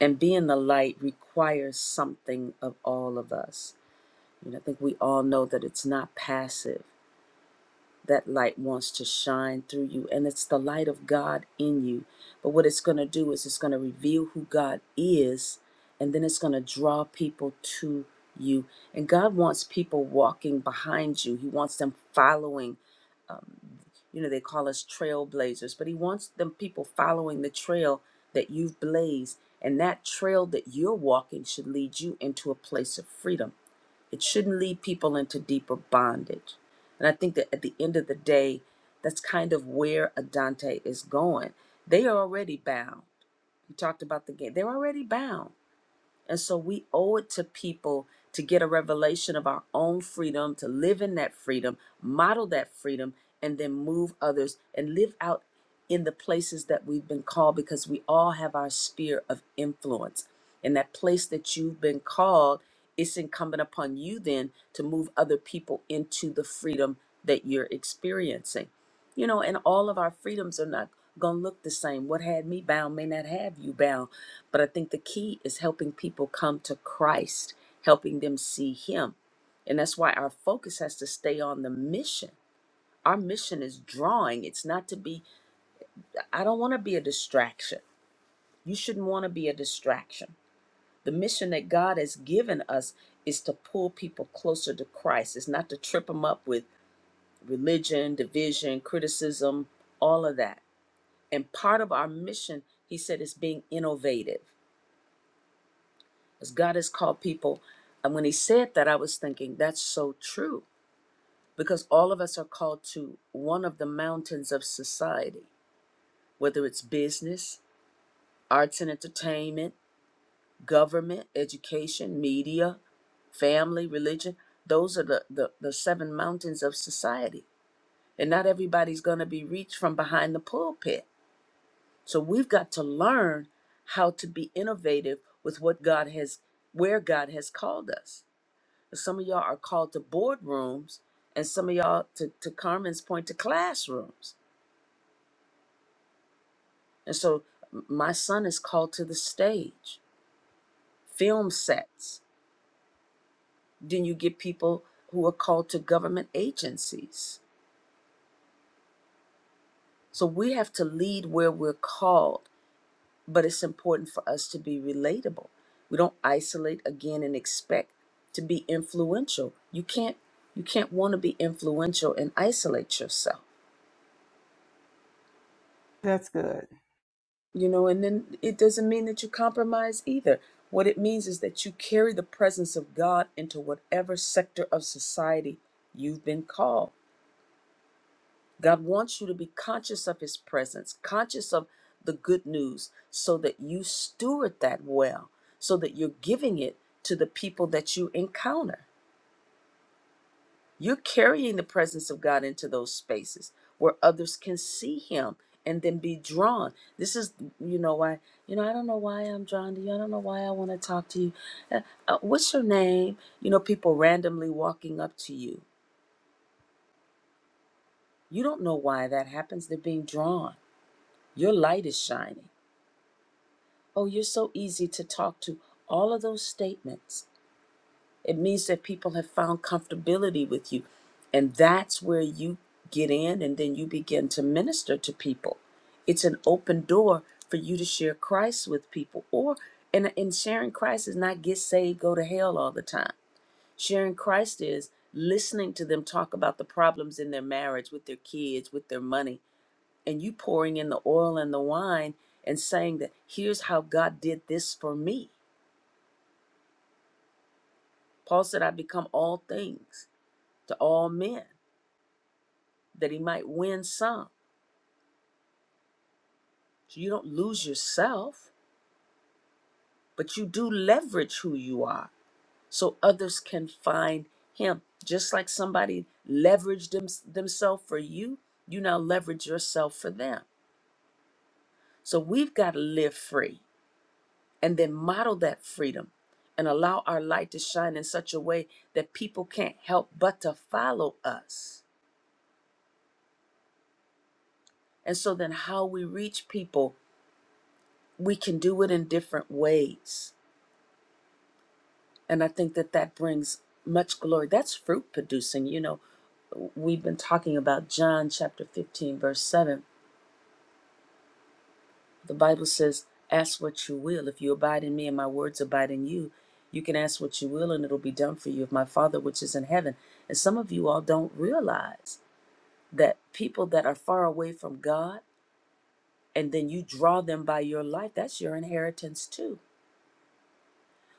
And being the light requires something of all of us. And I think we all know that it's not passive. That light wants to shine through you, and it's the light of God in you. But what it's going to do is it's going to reveal who God is, and then it's going to draw people to you. And God wants people walking behind you, He wants them following um, you know, they call us trailblazers, but he wants them people following the trail that you've blazed. And that trail that you're walking should lead you into a place of freedom. It shouldn't lead people into deeper bondage. And I think that at the end of the day, that's kind of where Adante is going. They are already bound. He talked about the game. They're already bound and so we owe it to people to get a revelation of our own freedom, to live in that freedom, model that freedom, and then move others and live out in the places that we've been called because we all have our sphere of influence. And that place that you've been called, it's incumbent upon you then to move other people into the freedom that you're experiencing. You know, and all of our freedoms are not going to look the same. What had me bound may not have you bound. But I think the key is helping people come to Christ, helping them see Him. And that's why our focus has to stay on the mission. Our mission is drawing, it's not to be, I don't want to be a distraction. You shouldn't want to be a distraction. The mission that God has given us is to pull people closer to Christ, it's not to trip them up with religion, division, criticism, all of that And part of our mission, he said, is being innovative. As God has called people, and when he said that, I was thinking, that's so true. Because all of us are called to one of the mountains of society, whether it's business, arts and entertainment, government, education, media, family, religion. Those are the, the, the seven mountains of society. And not everybody's going to be reached from behind the pulpit So we've got to learn how to be innovative with what God has, where God has called us. Some of y'all are called to boardrooms, and some of y'all, to, to Carmen's point, to classrooms. And so m- my son is called to the stage, film sets. Then you get people who are called to government agencies. So we have to lead where we're called but it's important for us to be relatable. We don't isolate again and expect to be influential. You can't you can't want to be influential and isolate yourself.
That's good.
You know, and then it doesn't mean that you compromise either. What it means is that you carry the presence of God into whatever sector of society you've been called. God wants you to be conscious of his presence, conscious of the good news, so that you steward that well, so that you're giving it to the people that you encounter. You're carrying the presence of God into those spaces where others can see him and then be drawn. This is, you know, why, you know, I don't know why I'm drawn to you. I don't know why I want to talk to you. Uh, uh, what's your name? You know, people randomly walking up to you. You don't know why that happens. They're being drawn. Your light is shining Oh, you're so easy to talk to. All of those statements. It means that people have found comfortability with you. And that's where you get in and then you begin to minister to people. It's an open door for you to share Christ with people. Or and, and sharing Christ is not get saved, go to hell all the time. Sharing Christ is listening to them talk about the problems in their marriage, with their kids, with their money, and you pouring in the oil and the wine and saying that here's how God did this for me. Paul said, I become all things to all men that he might win some. So you don't lose yourself, but you do leverage who you are so others can find him. Just like somebody leveraged them, themselves for you, you now leverage yourself for them. So we've got to live free. and then model that freedom and allow our light to shine in such a way that people can't help but to follow us. And so then how we reach people, we can do it in different ways. And I think that that brings much glory. That's fruit producing. You know, we've been talking about John chapter 15, verse 7 The Bible says, Ask what you will. If you abide in me and my words abide in you, you can ask what you will and it'll be done for you of my Father which is in heaven. And some of you all don't realize that people that are far away from God and then you draw them by your life, that's your inheritance too.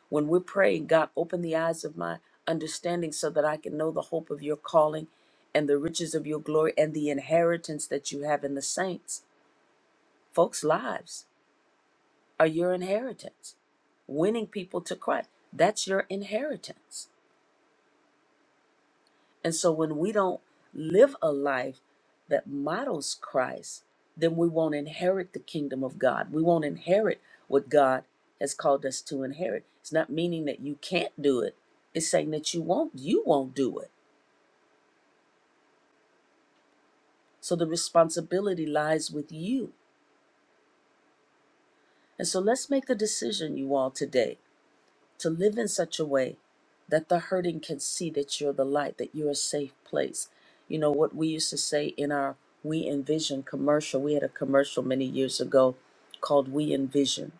When we're praying, God, open the eyes of my understanding so that I can know the hope of your calling and the riches of your glory and the inheritance that you have in the saints. Folks' lives. are your inheritance. Winning people to Christ, that's your inheritance. And so when we don't live a life that models Christ, then we won't inherit the kingdom of God. We won't inherit what God has called us to inherit. It's not meaning that you can't do it. It's saying that you won't you won't do it. So the responsibility lies with you. And so let's make a decision you all today to live in such a way that the hurting can see that you're the light, that you're a safe place. You know what we used to say in our We Envision commercial, we had a commercial many years ago called We Envision.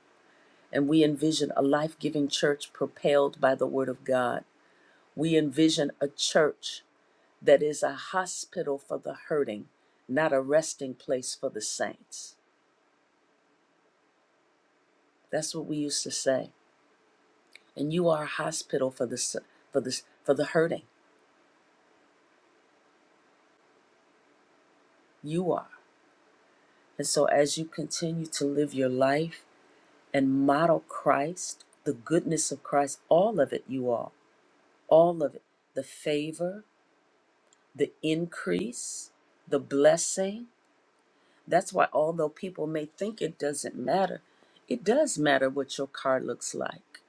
And we envision a life giving church propelled by the Word of God. We envision a church that is a hospital for the hurting, not a resting place for the saints. That's what we used to say. And you are a hospital for the, for the, for the hurting. You are. And so, as you continue to live your life and model Christ, the goodness of Christ, all of it, you all, all of it, the favor, the increase, the blessing. That's why, although people may think it doesn't matter, it does matter what your car looks like.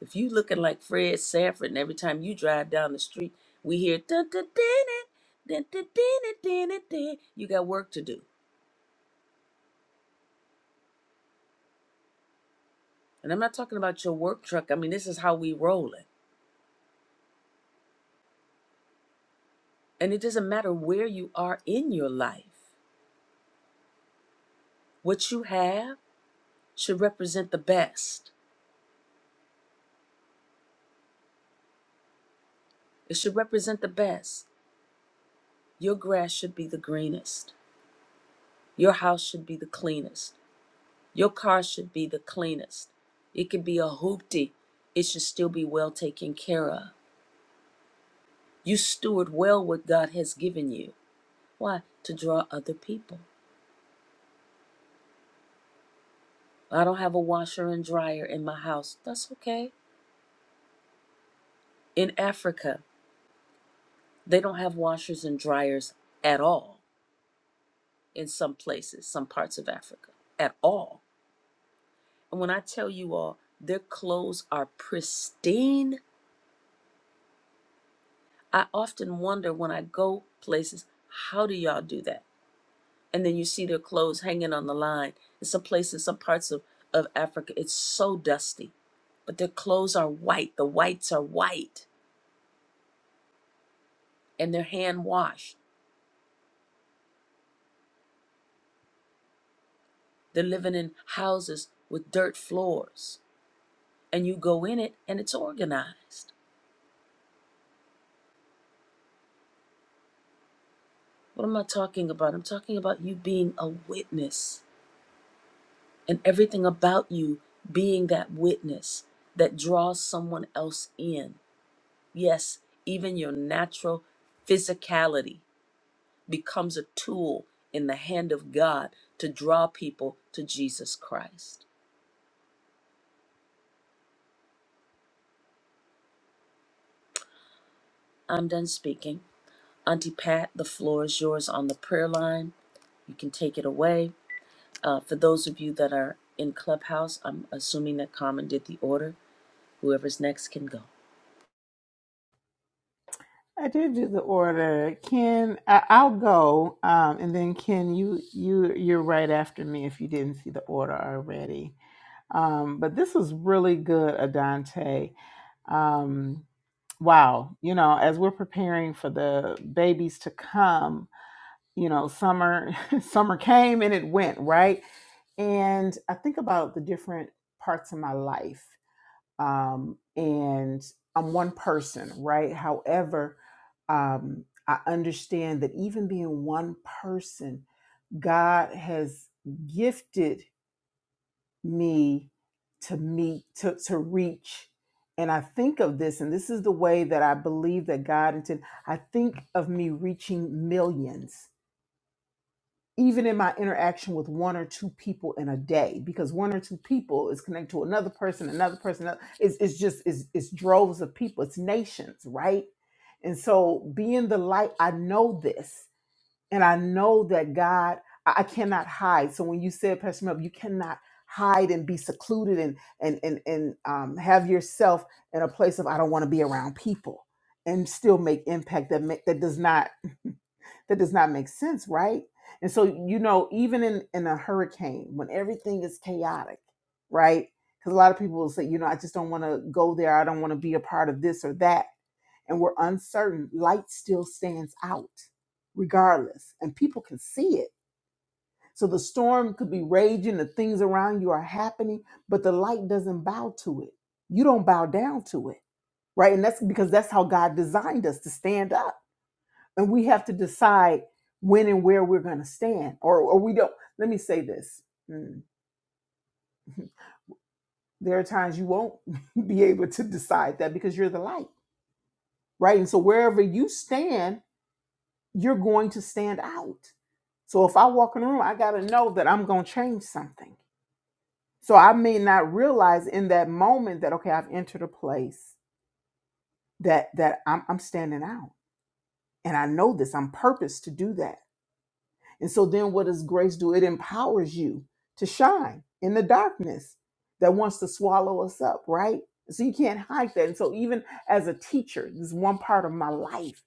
If you looking like Fred Sanford, and every time you drive down the street, we hear dun dun dun dun dun dun dun dun, dun," you got work to do. And I'm not talking about your work truck. I mean, this is how we rolling And it doesn't matter where you are in your life, what you have should represent the best. It should represent the best. Your grass should be the greenest. Your house should be the cleanest. Your car should be the cleanest. It could be a hoopty. It should still be well taken care of. You steward well what God has given you. Why? To draw other people. I don't have a washer and dryer in my house. That's okay. In Africa, they don't have washers and dryers at all in some places, some parts of Africa at all. And when I tell you all, their clothes are pristine. I often wonder when I go places, how do y'all do that? And then you see their clothes hanging on the line. In some places, some parts of, of Africa, it's so dusty. But their clothes are white. The whites are white and they're hand washed. They're living in houses with dirt floors. And you go in it and it's organized What am I talking about? I'm talking about you being a witness and everything about you being that witness that draws someone else in. Yes, even your natural physicality becomes a tool in the hand of God to draw people to Jesus Christ. I'm done speaking. Auntie Pat, the floor is yours on the prayer line. You can take it away. Uh, for those of you that are in Clubhouse, I'm assuming that Carmen did the order. Whoever's next can go.
I did do the order. Ken, I, I'll go, um, and then Ken, you you you're right after me if you didn't see the order already. Um, but this was really good, Adante. Um, wow, you know, as we're preparing for the babies to come, you know, summer summer came and it went right and I think about the different parts of my life. Um, and I'm one person, right? However, um, I understand that even being one person, God has gifted me to meet, to, to reach. And I think of this, and this is the way that I believe that God intended. I think of me reaching millions even in my interaction with one or two people in a day, because one or two people is connected to another person, another person, another- it's, it's just, it's, it's droves of people, it's nations, right? And so being the light, I know this, and I know that God, I, I cannot hide. So when you said, Pastor Mel, you cannot hide and be secluded and, and, and, and um, have yourself in a place of, I don't want to be around people and still make impact that, ma- that does not that does not make sense, right? And so, you know, even in, in a hurricane, when everything is chaotic, right? Because a lot of people will say, you know, I just don't want to go there. I don't want to be a part of this or that. And we're uncertain. Light still stands out regardless, and people can see it. So the storm could be raging, the things around you are happening, but the light doesn't bow to it. You don't bow down to it, right? And that's because that's how God designed us to stand up and we have to decide when and where we're going to stand or, or we don't let me say this Mm. there are times you won't be able to decide that because you're the light right and so wherever you stand you're going to stand out so if i walk in the room i got to know that i'm going to change something so i may not realize in that moment that okay i've entered a place that that i'm, I'm standing out and i know this i'm purposed to do that And so then what does grace do? It empowers you to shine in the darkness that wants to swallow us up, right? So you can't hide that. And so even as a teacher, this is one part of my life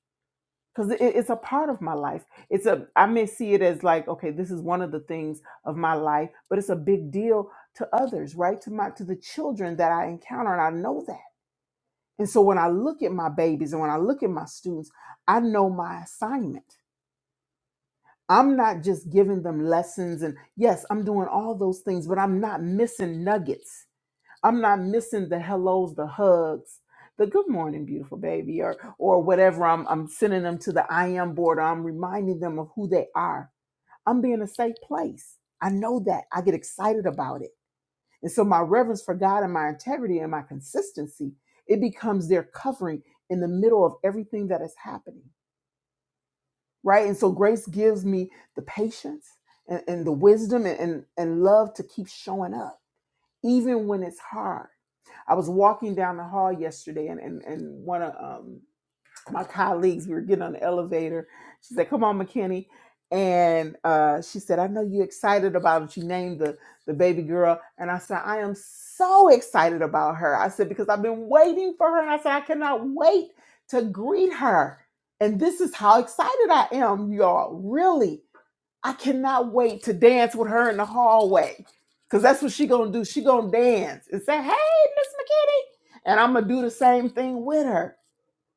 because it's a part of my life. It's a I may see it as like, okay, this is one of the things of my life, but it's a big deal to others, right? To my to the children that I encounter, and I know that. And so when I look at my babies and when I look at my students, I know my assignment I'm not just giving them lessons and yes, I'm doing all those things, but I'm not missing nuggets. I'm not missing the hellos, the hugs, the good morning, beautiful baby, or or whatever. I'm I'm sending them to the I am board. Or I'm reminding them of who they are. I'm being a safe place. I know that. I get excited about it. And so my reverence for God and my integrity and my consistency, it becomes their covering in the middle of everything that is happening right? And so grace gives me the patience and, and the wisdom and, and, and love to keep showing up, even when it's hard. I was walking down the hall yesterday, and and, and one of um, my colleagues, we were getting on the elevator. She said, Come on, McKinney. And uh, she said, I know you're excited about it. You named the, the baby girl. And I said, I am so excited about her. I said, Because I've been waiting for her. And I said, I cannot wait to greet her. And this is how excited I am, y'all. Really. I cannot wait to dance with her in the hallway. Cause that's what she gonna do. She gonna dance and say, "Hey, Miss McKinney," and I'm gonna do the same thing with her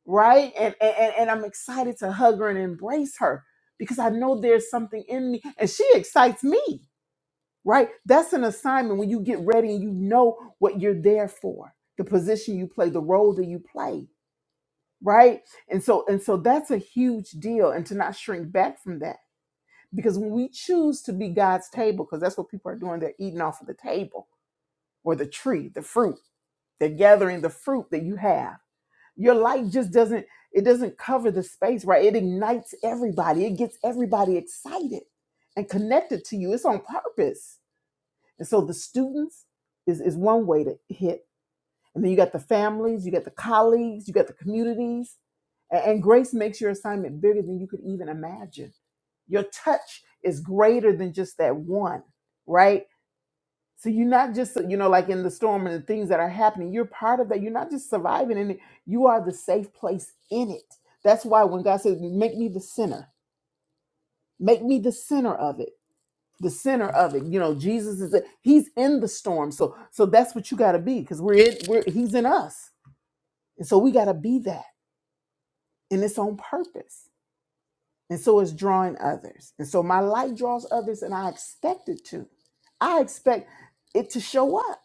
right? And, and and I'm excited to hug her and embrace her because I know there's something in me, and she excites me, right? That's an assignment when you get ready and you know what you're there for, the position you play, the role that you play, right? And so and so that's a huge deal, and to not shrink back from that because when we choose to be God's table, because that's what people are doing, they're eating off of the table or the tree, the fruit, they're gathering the fruit that you have your light just doesn't it doesn't cover the space, right? It ignites everybody. It gets everybody excited and connected to you. It's on purpose. And so the students is is one way to hit. And then you got the families, you got the colleagues, you got the communities. A- And grace makes your assignment bigger than you could even imagine. Your touch is greater than just that one, right? So you're not just, uh, you know, like in the storm and the things that are happening, you're part of that. You're not just surviving in it, you are the safe place in it. That's why when God says, make me the center, make me the center of it, the center of it. You know, Jesus is the, he's in the storm. So so that's what you gotta be, because we're in we're he's in us. And so we gotta be that. And it's on purpose. And so it's drawing others. And so my light draws others, and I expect it to. I expect it to show up.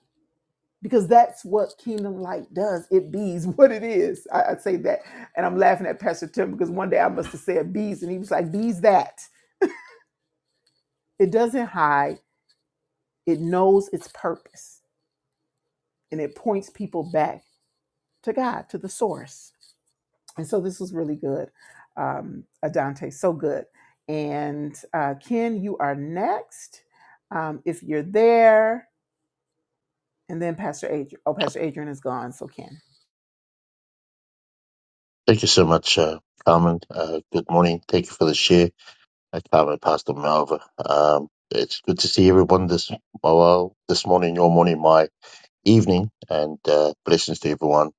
because that's what kingdom light does. It bees what it is. I, I say that, and I'm laughing at Pastor Tim because one day I must have said bees, and he was like, "Bees that." It doesn't hide. It knows its purpose, and it points people back to God, to the source. And so this was really good, um, Adante. So good. And uh, Ken, you are next. Um, if you're there. And then Pastor Adrian. Oh, Pastor Adrian is gone, so Ken.
Thank you so much, uh, Carmen. Uh, good morning. Thank you for the share, uh, Carmen, Pastor Malva. Um, it's good to see everyone this well this morning, your morning, my evening, and uh, blessings to everyone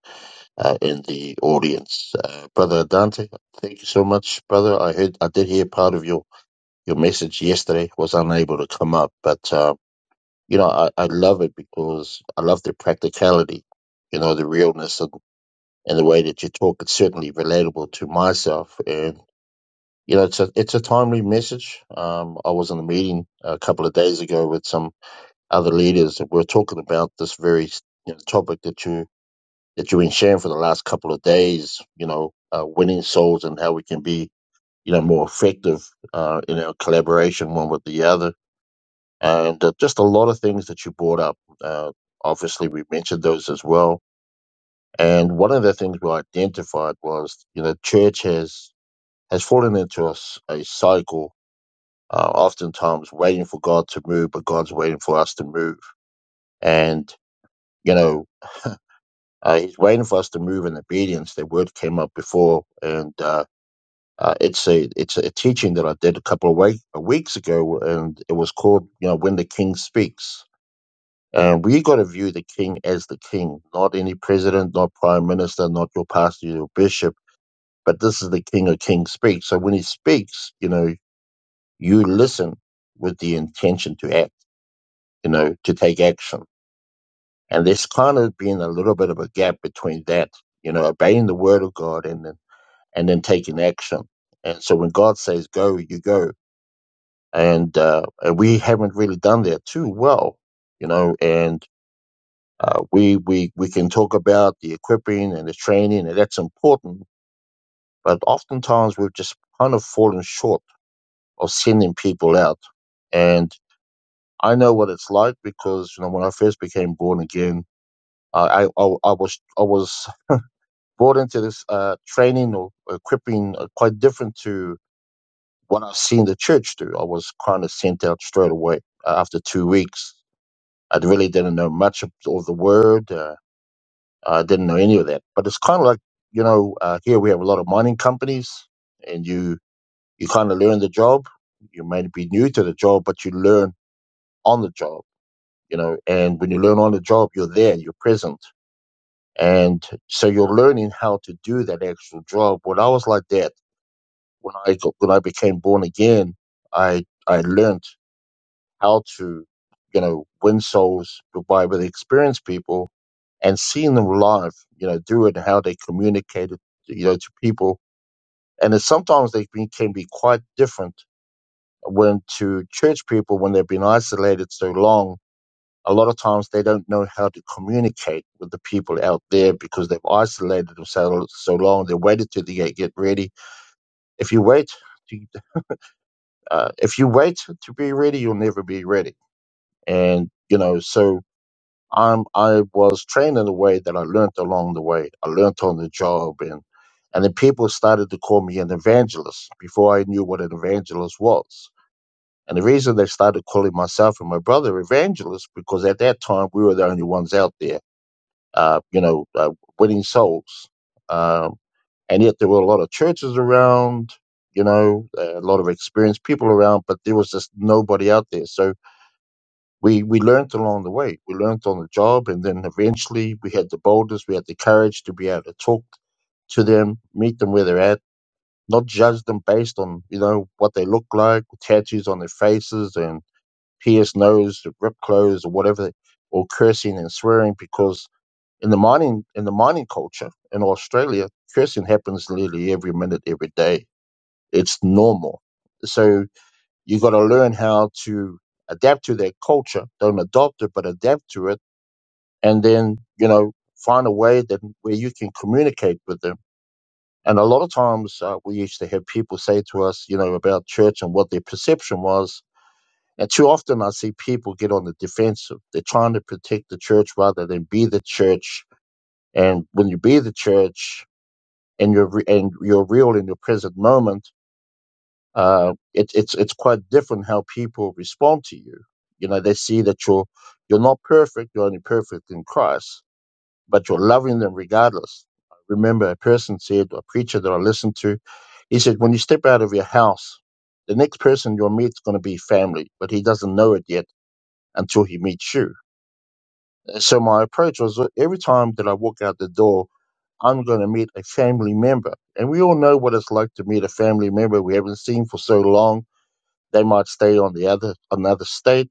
uh, in the audience. Uh, brother Dante, thank you so much, brother. I heard, I did hear part of your your message yesterday. Was unable to come up, but uh, you know, I, I love it because I love the practicality. You know, the realness of and the way that you talk, it's certainly relatable to myself. and you know, it's a it's a timely message. Um, I was in a meeting a couple of days ago with some other leaders, and we are talking about this very you know, topic that you that you've been sharing for the last couple of days. You know, uh, winning souls and how we can be you know more effective uh, in our collaboration one with the other, and uh, just a lot of things that you brought up. Uh, obviously, we mentioned those as well. And one of the things we identified was, you know, church has has fallen into a, s- a cycle uh, oftentimes waiting for God to move, but God's waiting for us to move. And, you know, uh, He's waiting for us to move in obedience. The word came up before, and uh, uh, it's a it's a teaching that I did a couple of week, weeks ago, and it was called, you know, When the King Speaks. And we got to view the king as the king, not any president, not prime minister, not your pastor, your bishop, but this is the king of kings speaks. So when he speaks, you know, you listen with the intention to act, you know, to take action And there's kind of been a little bit of a gap between that, you know, obeying the word of God and then and then taking action. And so when God says go, you go. And uh, and we haven't really done that too well, you know. And uh, we we we can talk about the equipping and the training, and that's important. But oftentimes we've just kind of fallen short of sending people out. And I know what it's like because you know when I first became born again, I I, I I was I was brought into this uh, training or equipping uh, quite different to what I've seen the church do. I was kind of sent out straight away uh, after two weeks. I really didn't know much of, of the word. Uh, I didn't know any of that. But it's kind of like, you know, uh, here we have a lot of mining companies and you, you kind of learn the job. You may be new to the job, but you learn on the job, you know, and when you learn on the job, you're there, you're present. And so you're learning how to do that actual job. Well, I was like that when I got, when I became born again, I I learned how to, you know, win souls by with experienced people and seeing them live, you know, do it and how they communicated, you know, to people. And it's sometimes they be- can be quite different when to church people when they've been isolated so long. A lot of times they don't know how to communicate with the people out there because they've isolated themselves so long. They waited till they get, get ready. If you wait Uh, if you wait to be ready, you'll never be ready. And you know, so I'm I was trained in a way that I learned along the way. I learned on the job, and and then people started to call me an evangelist before I knew what an evangelist was. And the reason they started calling myself and my brother evangelists because at that time we were the only ones out there, uh, you know, uh, winning souls. Um, and yet there were a lot of churches around you know a lot of experienced people around but there was just nobody out there so we we learned along the way we learned on the job and then eventually we had the boldness we had the courage to be able to talk to them meet them where they're at not judge them based on you know what they look like tattoos on their faces and pierced nose ripped clothes or whatever or cursing and swearing because in the mining in the mining culture in Australia, cursing happens literally every minute, every day. It's normal. So you got to learn how to adapt to that culture. Don't adopt it, but adapt to it, and then you know find a way that where you can communicate with them. And a lot of times uh, we used to have people say to us, you know, about church and what their perception was. And too often I see people get on the defensive. They're trying to protect the church rather than be the church. And when you be the church, and your re- and your real in your present moment, uh, it, it's it's quite different how people respond to you. You know, they see that you're you're not perfect; you're only perfect in Christ, but you're loving them regardless. I remember a person said, a preacher that I listened to, he said, when you step out of your house, the next person you'll meet is going to be family, but he doesn't know it yet until he meets you. So my approach was every time that I walk out the door I'm going to meet a family member. And we all know what it's like to meet a family member we haven't seen for so long. They might stay on the other another state,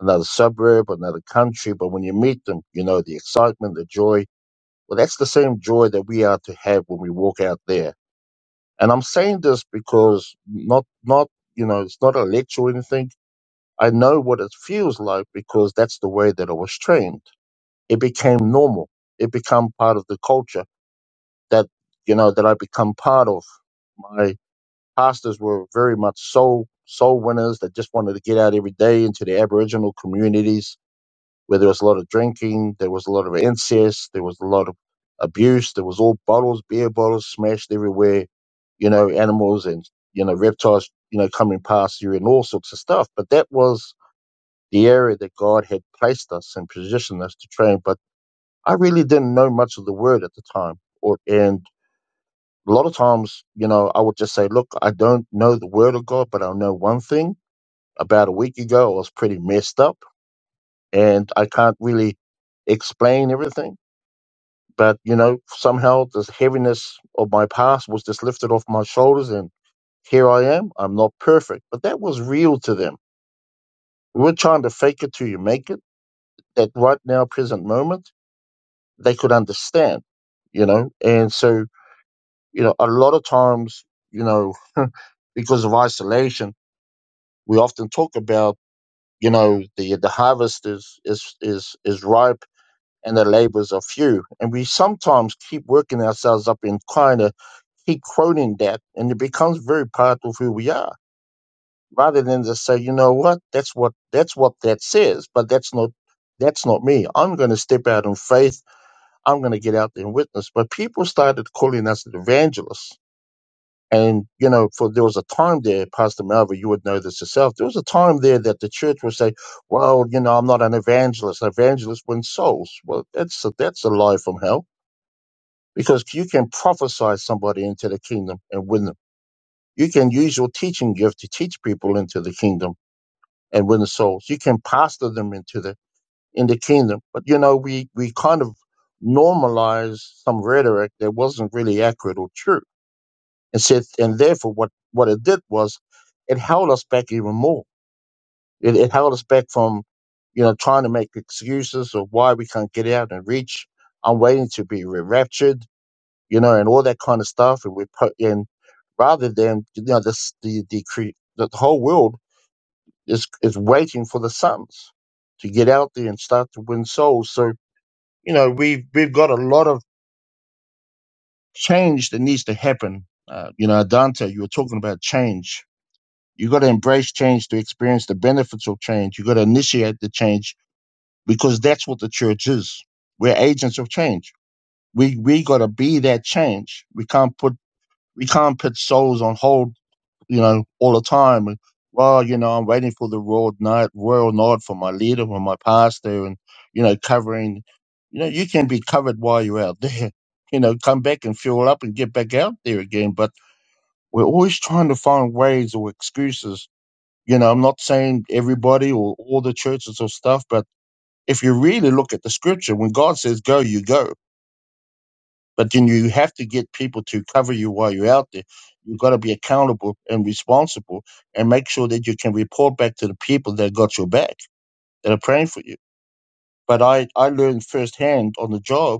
another suburb, another country, but when you meet them, you know the excitement, the joy. Well, that's the same joy that we are to have when we walk out there. And I'm saying this because not not you know it's not a lecture or anything. I know what it feels like because that's the way that I was trained. It became normal. It became part of the culture that you know that I become part of my pastors were very much soul soul winners that just wanted to get out every day into the Aboriginal communities where there was a lot of drinking, there was a lot of incest, there was a lot of abuse, there was all bottles, beer bottles smashed everywhere, you know, animals and you know reptiles, you know, coming past you and all sorts of stuff. But that was the area that God had placed us and positioned us to train. But I really didn't know much of the word at the time, or and a lot of times, you know, I would just say, look, I don't know the word of God, but I know one thing. About a week ago, I was pretty messed up and I can't really explain everything. But, you know, somehow this heaviness of my past was just lifted off my shoulders and here I am. I'm not perfect, but that was real to them. We were trying to fake it till you make it. That right now, present moment, they could understand, you know, and so, you know, a lot of times, you know, because of isolation, we often talk about you know the the harvest is is is is ripe and the labors are few and we sometimes keep working ourselves up and kind of keep quoting that and it becomes very part of who we are rather than just say you know what that's what that's what that says but that's not that's not me i'm going to step out in faith i'm going to get out there and witness but people started calling us evangelists and, you know, for there was a time there, Pastor Malva, you would know this yourself. There was a time there that the church would say, well, you know, I'm not an evangelist. An evangelist wins souls. Well, that's a, that's a lie from hell because you can prophesy somebody into the kingdom and win them. You can use your teaching gift to teach people into the kingdom and win the souls. You can pastor them into the, in the kingdom. But, you know, we, we kind of normalize some rhetoric that wasn't really accurate or true and said, and therefore, what what it did was, it held us back even more. It, it held us back from, you know, trying to make excuses of why we can't get out and reach. I'm waiting to be raptured, you know, and all that kind of stuff. And we put in rather than you know this the the cre- the whole world is is waiting for the sons to get out there and start to win souls. So you know we've we've got a lot of change that needs to happen. Uh, you know, Dante, you were talking about change You got to embrace change to experience the benefits of change. You got to initiate the change because that's what the church is. We're agents of change. We we got to be that change. We can't put we can't put souls on hold, you know, all the time. And, well, you know, I'm waiting for the royal nod, royal nod for my leader, from my pastor, and you know, covering. You know, you can be covered while you're out there. You know, come back and fuel up and get back out there again. But we're always trying to find ways or excuses you know, I'm not saying everybody or all the churches or stuff, but if you really look at the scripture, when God says go, you go. But then you have to get people to cover you while you're out there. You've got to be accountable and responsible and make sure that you can report back to the people that got your back, that are praying for you. But I, I learned firsthand on the job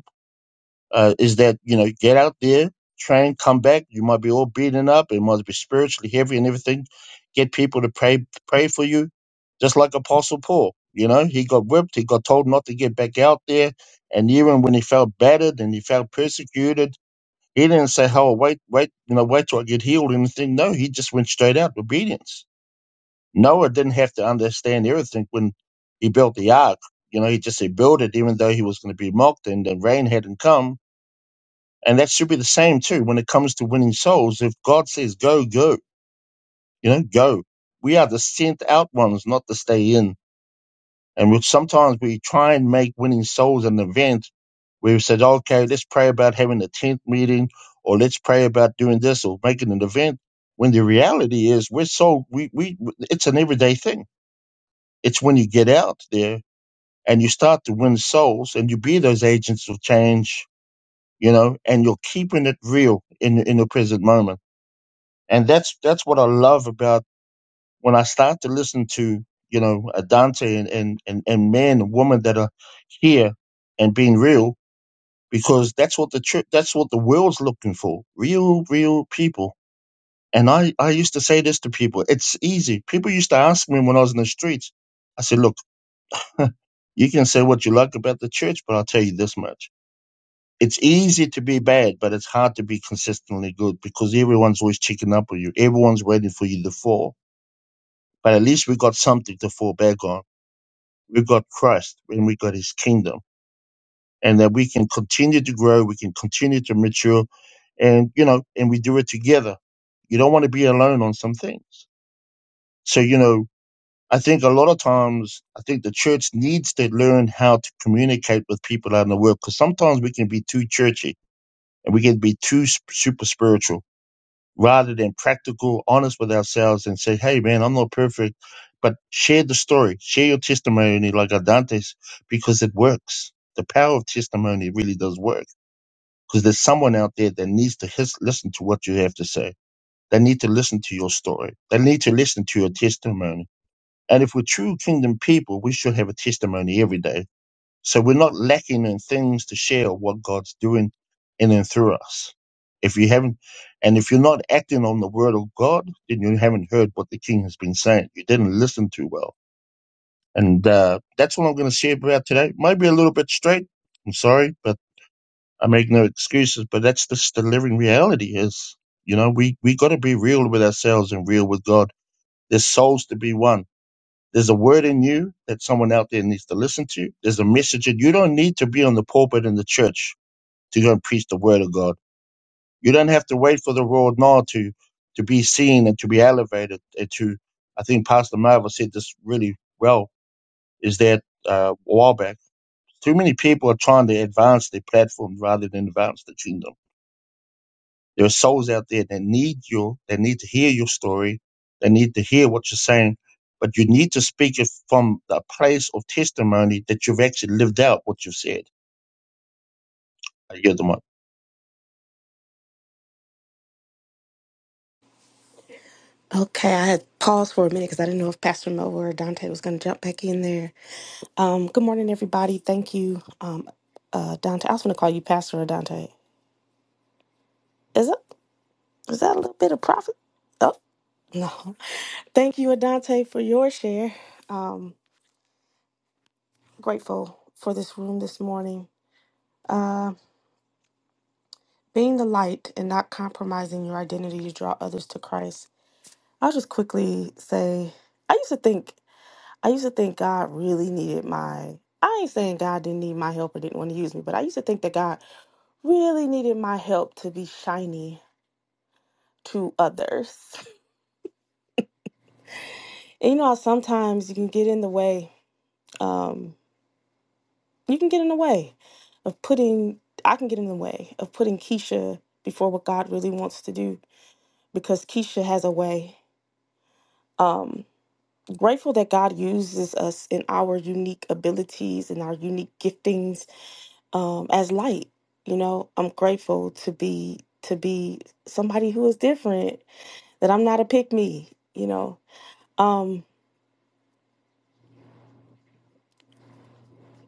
uh, is that you know get out there, train, come back. You might be all beaten up, it might be spiritually heavy and everything. Get people to pray pray for you, just like Apostle Paul. You know, he got whipped, he got told not to get back out there, and even when he felt battered and he felt persecuted, he didn't say, "Oh, wait, wait, you know, wait till I get healed" or anything. No, he just went straight out obedience. Noah didn't have to understand everything when he built the ark. You know, he just said build it, even though he was going to be mocked and the rain hadn't come and that should be the same too when it comes to winning souls. If God says go, go, you know, go. We are the sent out ones, not to stay in. And we, sometimes we try and make winning souls an event where we said, okay, let's pray about having a tent meeting or let's pray about doing this or making an event. When the reality is we're so, we, we, it's an everyday thing. It's when you get out there and you start to win souls and you be those agents of change, you know, and you're keeping it real in, in the present moment and that's that's what I love about when I start to listen to you know a Dante and and and, and men and women that are here and being real because that's what the tri- that's what the world's looking for real real people and I I used to say this to people it's easy people used to ask me when I was in the streets I said look you can say what you like about the church but I'll tell you this much it's easy to be bad but it's hard to be consistently good because everyone's always checking up on you everyone's waiting for you to fall but at least we got something to fall back on. We got Christ and we got his kingdom. And that we can continue to grow, we can continue to mature, and you know, and we do it together. You don't want to be alone on some things. So, you know, I think a lot of times I think the church needs to learn how to communicate with people out in the world because sometimes we can be too churchy and we can be too sp- super spiritual rather than practical, honest with ourselves and say, hey, man, I'm not perfect, but share the story, share your testimony like Adante's because it works. The power of testimony really does work because there's someone out there that needs to his- listen to what you have to say. They need to listen to your story. They need to listen to your testimony. And if we're true kingdom people, we should have a testimony every day so we're not lacking in things to share what God's doing in and through us. If you haven't, and if you're not acting on the word of God, then you haven't heard what the King has been saying. You didn't listen too well. And uh, that's what I'm going to share about today. Might be a little bit straight. I'm sorry, but I make no excuses. But that's just the living reality is, you know, we, we got to be real with ourselves and real with God. There's souls to be won there's a word in you that someone out there needs to listen to. There's a message in you You don't need to be on the pulpit in the church to go and preach the word of God. You don't have to wait for the royal nod to to be seen and to be elevated and to I think Pastor Marvel said this really well, is that uh, a while back. Too many people are trying to advance their platform rather than advance the kingdom. There are souls out there that need you, that need to hear your story, that need to hear what you're saying. But you need to speak it from the place of testimony that you've actually lived out what you've said. I yield the mic.
Okay, I had paused for a minute because I didn't know if Pastor Mo or Dante was going to jump back in there. Um, good morning, everybody. Thank you, um, uh, Dante. I was going to call you Pastor or Dante. Is it? Is that a little bit of profit? Oh no! Thank you, Adante, for your share. Um, grateful for this room this morning. Uh, being the light and not compromising your identity to draw others to Christ. I'll just quickly say I used to think. I used to think God really needed my. I ain't saying God didn't need my help or didn't want to use me, but I used to think that God really needed my help to be shiny to others. And you know how sometimes you can get in the way. Um, you can get in the way of putting. I can get in the way of putting Keisha before what God really wants to do because Keisha has a way. Um, grateful that God uses us in our unique abilities and our unique giftings um, as light. You know, I'm grateful to be to be somebody who is different. That I'm not a pick me. You know, um,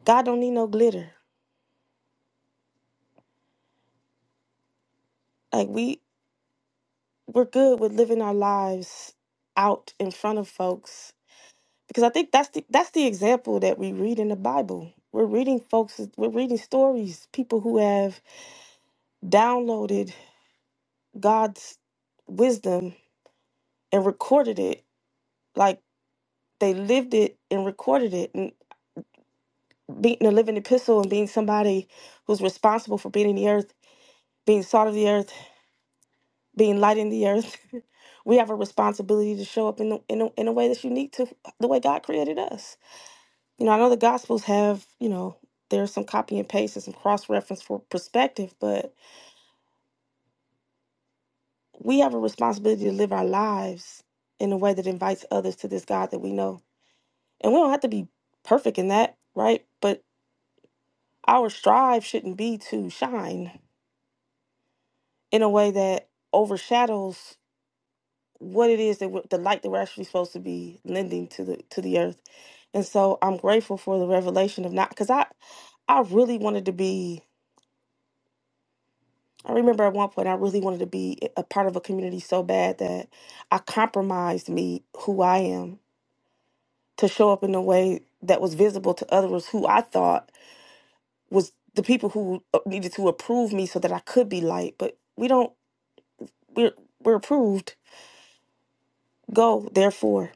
God don't need no glitter. Like we we're good with living our lives out in front of folks because I think that's the that's the example that we read in the Bible. We're reading folks. We're reading stories. People who have downloaded God's wisdom and recorded it. Like they lived it and recorded it. being a living epistle and being somebody who's responsible for being in the earth, being salt of the earth, being light in the earth, we have a responsibility to show up in the, in a, in a way that's unique to the way God created us. You know, I know the Gospels have you know there's some copy and paste and some cross reference for perspective, but we have a responsibility to live our lives in a way that invites others to this God that we know, and we don't have to be perfect in that, right? But our strive shouldn't be to shine in a way that overshadows what it is that we're, the light that we're actually supposed to be lending to the to the earth. And so I'm grateful for the revelation of not because I I really wanted to be. I remember at one point I really wanted to be a part of a community so bad that I compromised me who I am to show up in a way that was visible to others who I thought was the people who uh, needed to approve me so that I could be light. But we don't we're we're approved. Go therefore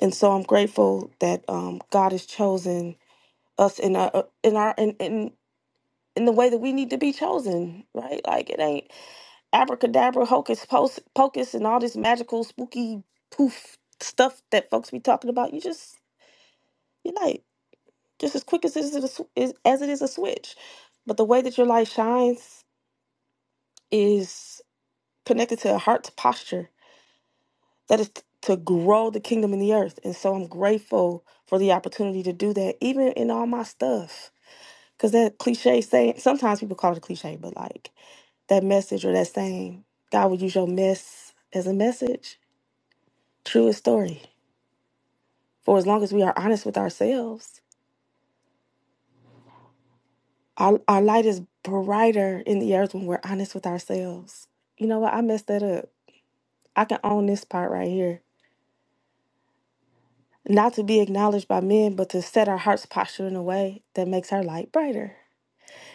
And so I'm grateful that um, God has chosen us in our in our in, in in the way that we need to be chosen, right? Like it ain't abracadabra, hocus pocus, pocus and all this magical, spooky poof stuff that folks be talking about. You just you like just as quick as it is a, sw- is- as it is a switch. But the way that your light shines is connected to a heart's posture that is t- to grow the kingdom in the earth. And so I'm grateful for the opportunity to do that, even in all my stuff Because that cliche saying, sometimes people call it a cliche, but like that message or that saying, God will use your mess as a message. Truest story. For as long as we are honest with ourselves, our, our light is brighter in the earth when we're honest with ourselves. You know what? I messed that up. I can own this part right here. Not to be acknowledged by men, but to set our heart's posture in a way that makes our light brighter.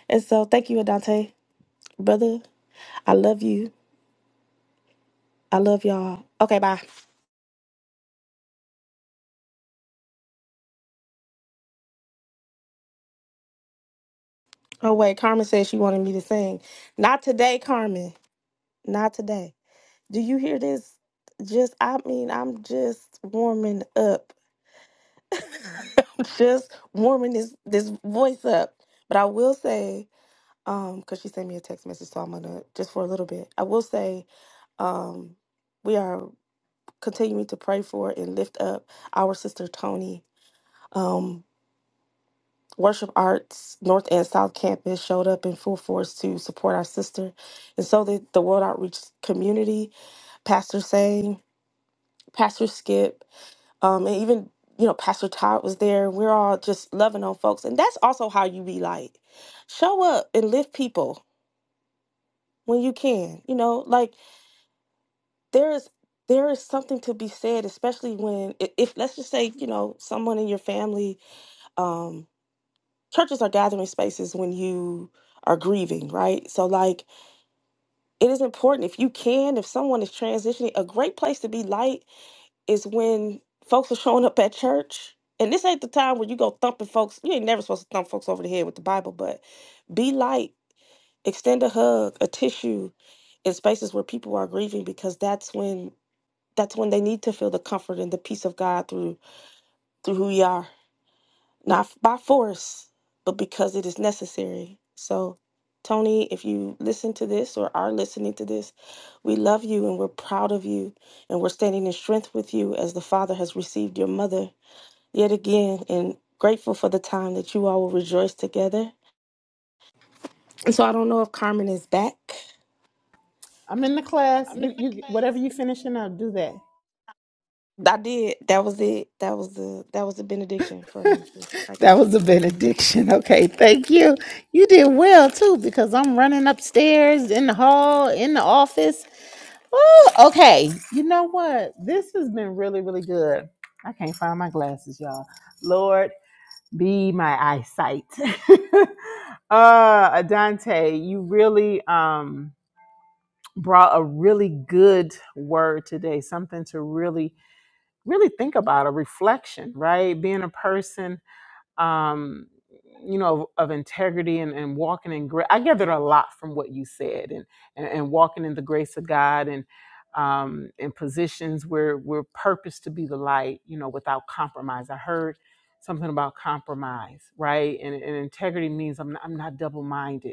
And so, thank you, Adante. Brother, I love you. I love y'all. Okay, bye. Oh wait, Carmen said she wanted me to sing. Not today, Carmen. Not today. Do you hear this? Just I mean, I'm just warming up. just warming this this voice up. But I will say, um, because she sent me a text message, so I'm gonna just for a little bit. I will say, um, we are continuing to pray for and lift up our sister Tony. Um. Worship Arts North and South Campus showed up in full force to support our sister, and so did the World Outreach community. Pastor Sang, Pastor Skip, um, and even you know Pastor Todd was there. We're all just loving on folks, and that's also how you be like, show up and lift people when you can. You know, like there is there is something to be said, especially when i- if let's just say you know someone in your family. Um, churches are gathering spaces when you are grieving, right? So, like, it is important if you can, if someone is transitioning, a great place to be light is when folks are showing up at church. And this ain't the time where you go thumping folks. You ain't never supposed to thump folks over the head with the Bible, but be light, extend a hug, a tissue in spaces where people are grieving because that's when that's when they need to feel the comfort and the peace of God through through who you are. not f- by force, but because it is necessary. So, Tony, if you listen to this or are listening to this, we love you and we're proud of you and we're standing in strength with you as the Father has received your mother yet again and grateful for the time that you all will rejoice together. And so, I don't know if Carmen is back.
I'm in the class.
I'm not.
You you whatever you finishing up, do that.
I did. That was it. That was the that was the benediction for me, sis. I got
That was
you.
a benediction. Okay, thank you. You did well too because I'm running upstairs in the hall, in the office. Oh, okay. You know what? This has been really, really good. I can't find my glasses, y'all. Lord, be my eyesight. uh, Adante, you really um brought a really good word today, something to really, really think about, a reflection, right? Being a person um, you know, of, of integrity and, and walking in grace. I gathered a lot from what you said and, and, and walking in the grace of God and um, in positions where we're purposed to be the light, you know, without compromise. I heard something about compromise, right? And, and integrity means I'm not, I'm not double minded.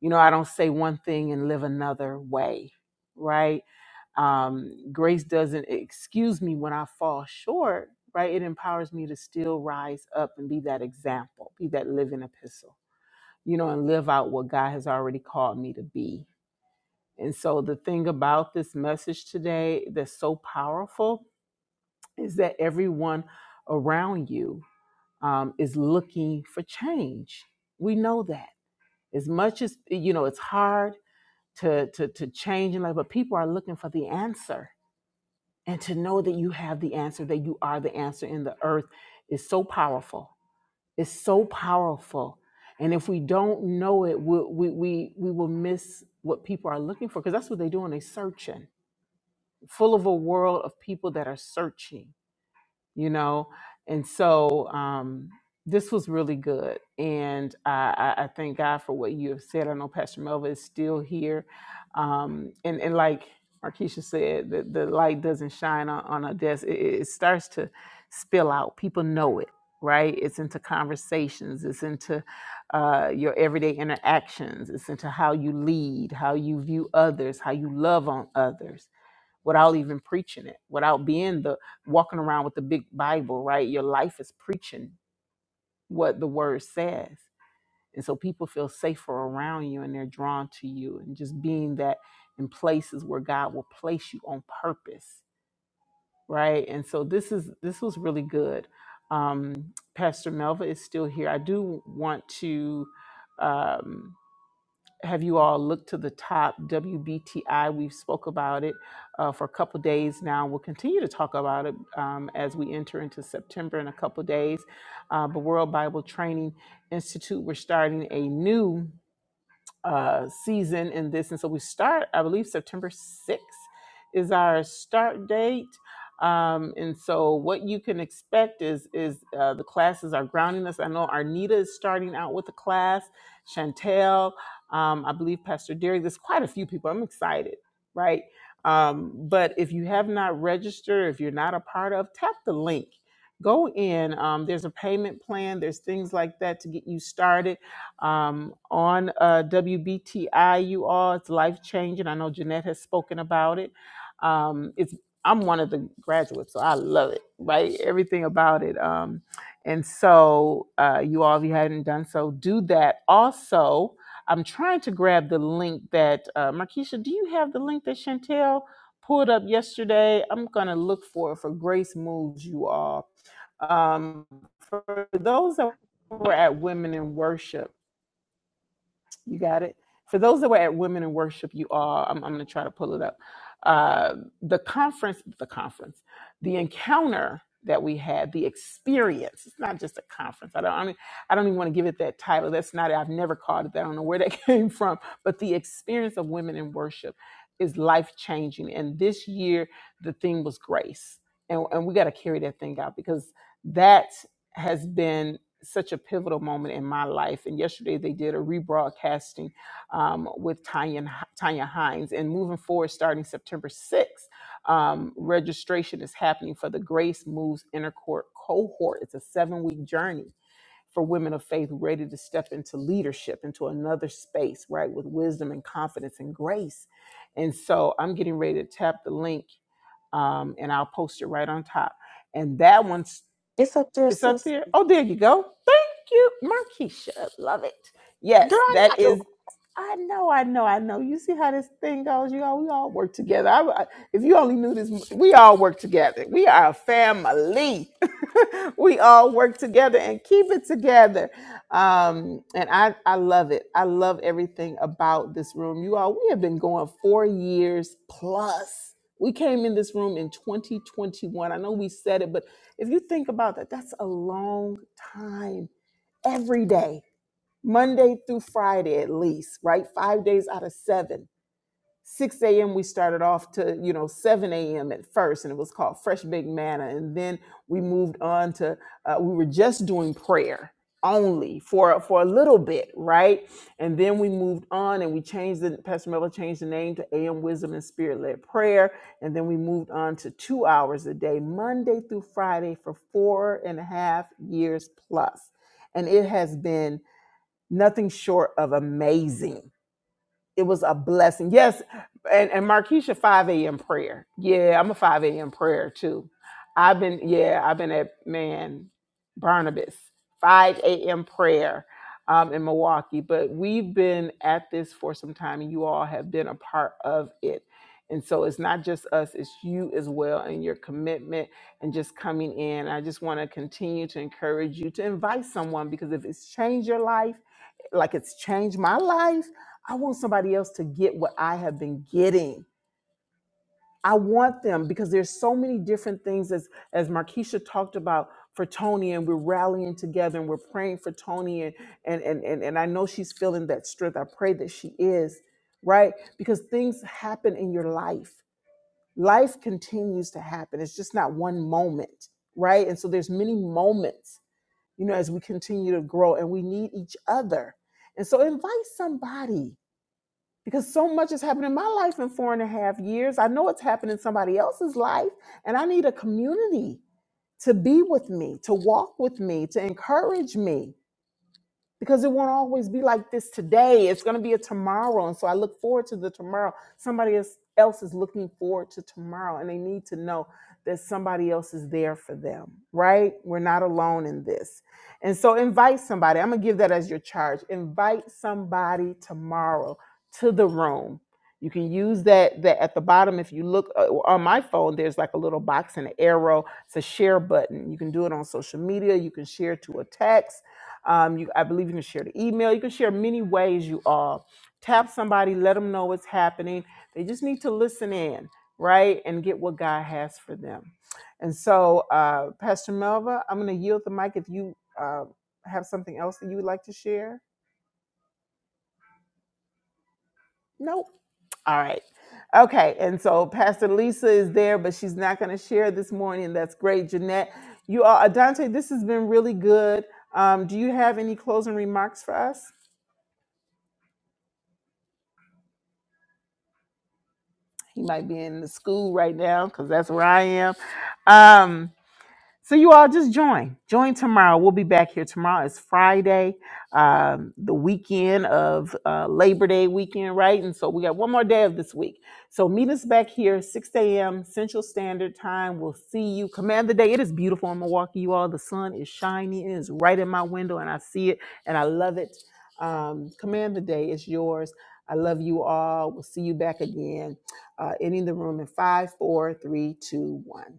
You know, I don't say one thing and live another way, right? Um, grace doesn't excuse me when I fall short, right? It empowers me to still rise up and be that example, be that living epistle, you know, and live out what God has already called me to be. And so the thing about this message today that's so powerful is that everyone around you um, is looking for change. We know that. As much as, you know, it's hard to to to change in life but people are looking for the answer and to know that you have the answer that you are the answer in the earth is so powerful it's so powerful and if we don't know it we we we, we will miss what people are looking for because that's what they do when they're searching full of a world of people that are searching you know and so um this was really good and i i I thank god for what you have said i know pastor melva is still here um and and like Markeisha said the, the light doesn't shine on, on a desk it, it it starts to spill out people know it right it's into conversations it's into uh, your everyday interactions it's into how you lead how you view others how you love on others without even preaching it, without being the walking around with the big Bible, right? Your life is preaching what the word says. And so people feel safer around you and they're drawn to you and just being that in places where God will place you on purpose, right? And so this is this was really good. Um, Pastor Melva is still here. I do want to. Um, have you all looked to the top WBTI? We've spoke about it uh, for a couple days now. We'll continue to talk about it um, as we enter into September in a couple days. Uh, the World Bible Training Institute, we're starting a new uh, season in this. And so we start, I believe, September 6th is our start date. Um, and so what you can expect is is uh, the classes are grounding us. I know Arnita is starting out with a class, Chantel, um, I believe Pastor Derry. There's quite a few people. I'm excited, right? Um, but if you have not registered, if you're not a part of, tap the link. Go in. Um, there's a payment plan. There's things like that to get you started um, on uh, WBTI. You all, it's life changing. I know Jeanette has spoken about it. Um, it's I'm one of the graduates, so I love it. Right, everything about it. Um, and so, uh, you all, if you hadn't done so, do that. Also, I'm trying to grab the link that uh, Markeisha. Do you have the link that Chantel? Pulled up yesterday. I'm gonna look for it for Grace Moves, you all um, for those that were at Women in Worship, you got it. For those that were at Women in Worship, you all, I'm, I'm going to try to pull it up. Uh, the conference, the conference, the encounter that we had, the experience. It's not just a conference. I don't. I, mean, I don't even want to give it that title. That's not. it. I've never called it that. I don't know where that came from. But the experience of Women in Worship is life changing. And this year, the theme was grace, and and we got to carry that thing out because that has been such a pivotal moment in my life. And yesterday they did a rebroadcasting um, with Tanya, Tanya Hines. And moving forward, starting September 6th, um, registration is happening for the Grace Moves Intercourt cohort. It's a seven week journey for women of faith ready to step into leadership, into another space, right, with wisdom and confidence and grace. And so I'm getting ready to tap the link um, and I'll post it right on top. And that one
It's up there,
it's up
sis.
there. Oh, there you go. Thank you, Markeisha. Love it.
Girl,
Yes,
I
that
got you.
is. I know, I know, I know. You see how this thing goes. You all, we all work together. I, I- if you only knew this, we all work together. We are a family. we all work together and keep it together. Um, and I, I love it. I love everything about this room. You all, we have been going four years plus. We came in this room in 2021. I know we said it, but if you think about that, that's a long time every day, Monday through Friday at least, right? Five days out of seven 6 a.m. we started off to, you know, 7 a.m. at first, and it was called Fresh Big Manna. And then we moved on to, uh, we were just doing prayer only for for a little bit, right? And then we moved on and we changed the Pastor Melville changed the name to AM Wisdom and Spirit Led Prayer. And then we moved on to two hours a day, Monday through Friday for four and a half years plus. And it has been nothing short of amazing it was a blessing. Yes, and and Markeisha five a.m. prayer. Yeah, I'm a five a.m. prayer too. I've been yeah, I've been at man Barnabas five a.m. prayer um, in Milwaukee, but we've been at this for some time, and you all have been a part of it. And so it's not just us, it's you as well, and your commitment and just coming in. I just want to continue to encourage you to invite someone because if it's changed your life, like it's changed my life I want somebody else to get what I have been getting. I want them because there's so many different things as as Markeisha talked about for Tony and we're rallying together and we're praying for Tony and and and and, and I know she's feeling that strength. I pray that she is, right? Because things happen in your life. Life continues to happen. It's just not one moment, right? And so there's many moments, you know, as we continue to grow and we need each other. And so invite somebody because so much has happened in my life in four and a half years. I know it's happened in somebody else's life, and I need a community to be with me, to walk with me, to encourage me because it won't always be like this today. It's going to be a tomorrow. And so I look forward to the tomorrow. Somebody else else is looking forward to tomorrow, and they need to know that somebody else is there for them, right? We're not alone in this. And so invite somebody. I'm going to give that as your charge. Invite somebody tomorrow to the room. You can use that, that at the bottom. If you look uh, on my phone, there's like a little box and an arrow. It's a share button. You can do it on social media. You can share to a text um, you, I believe you can share the email. You can share many ways you are. Tap somebody, let them know what's happening. They just need to listen in, right, and get what God has for them. And so, uh, Pastor Melva, I'm going to yield the mic if you uh, have something else that you would like to share. Nope. All right. Okay. And so, Pastor Lisa is there, but she's not going to share this morning. That's great, Jeanette. You are, Adante, this has been really good. Um, do you have any closing remarks for us? He might be in the school right now because that's where I am. Um, so you all just join. Join tomorrow. We'll be back here tomorrow. It's Friday, um, the weekend of uh, Labor Day weekend, right? And so we got one more day of this week. So meet us back here, 6 a.m. Central Standard Time. We'll see you. Command the day. It is beautiful in Milwaukee, you all. The sun is shining. It is right in my window, and I see it, and I love it. Um, command the day. It's yours. I love you all. We'll see you back again. Uh, ending the room in five, four, three, two, one.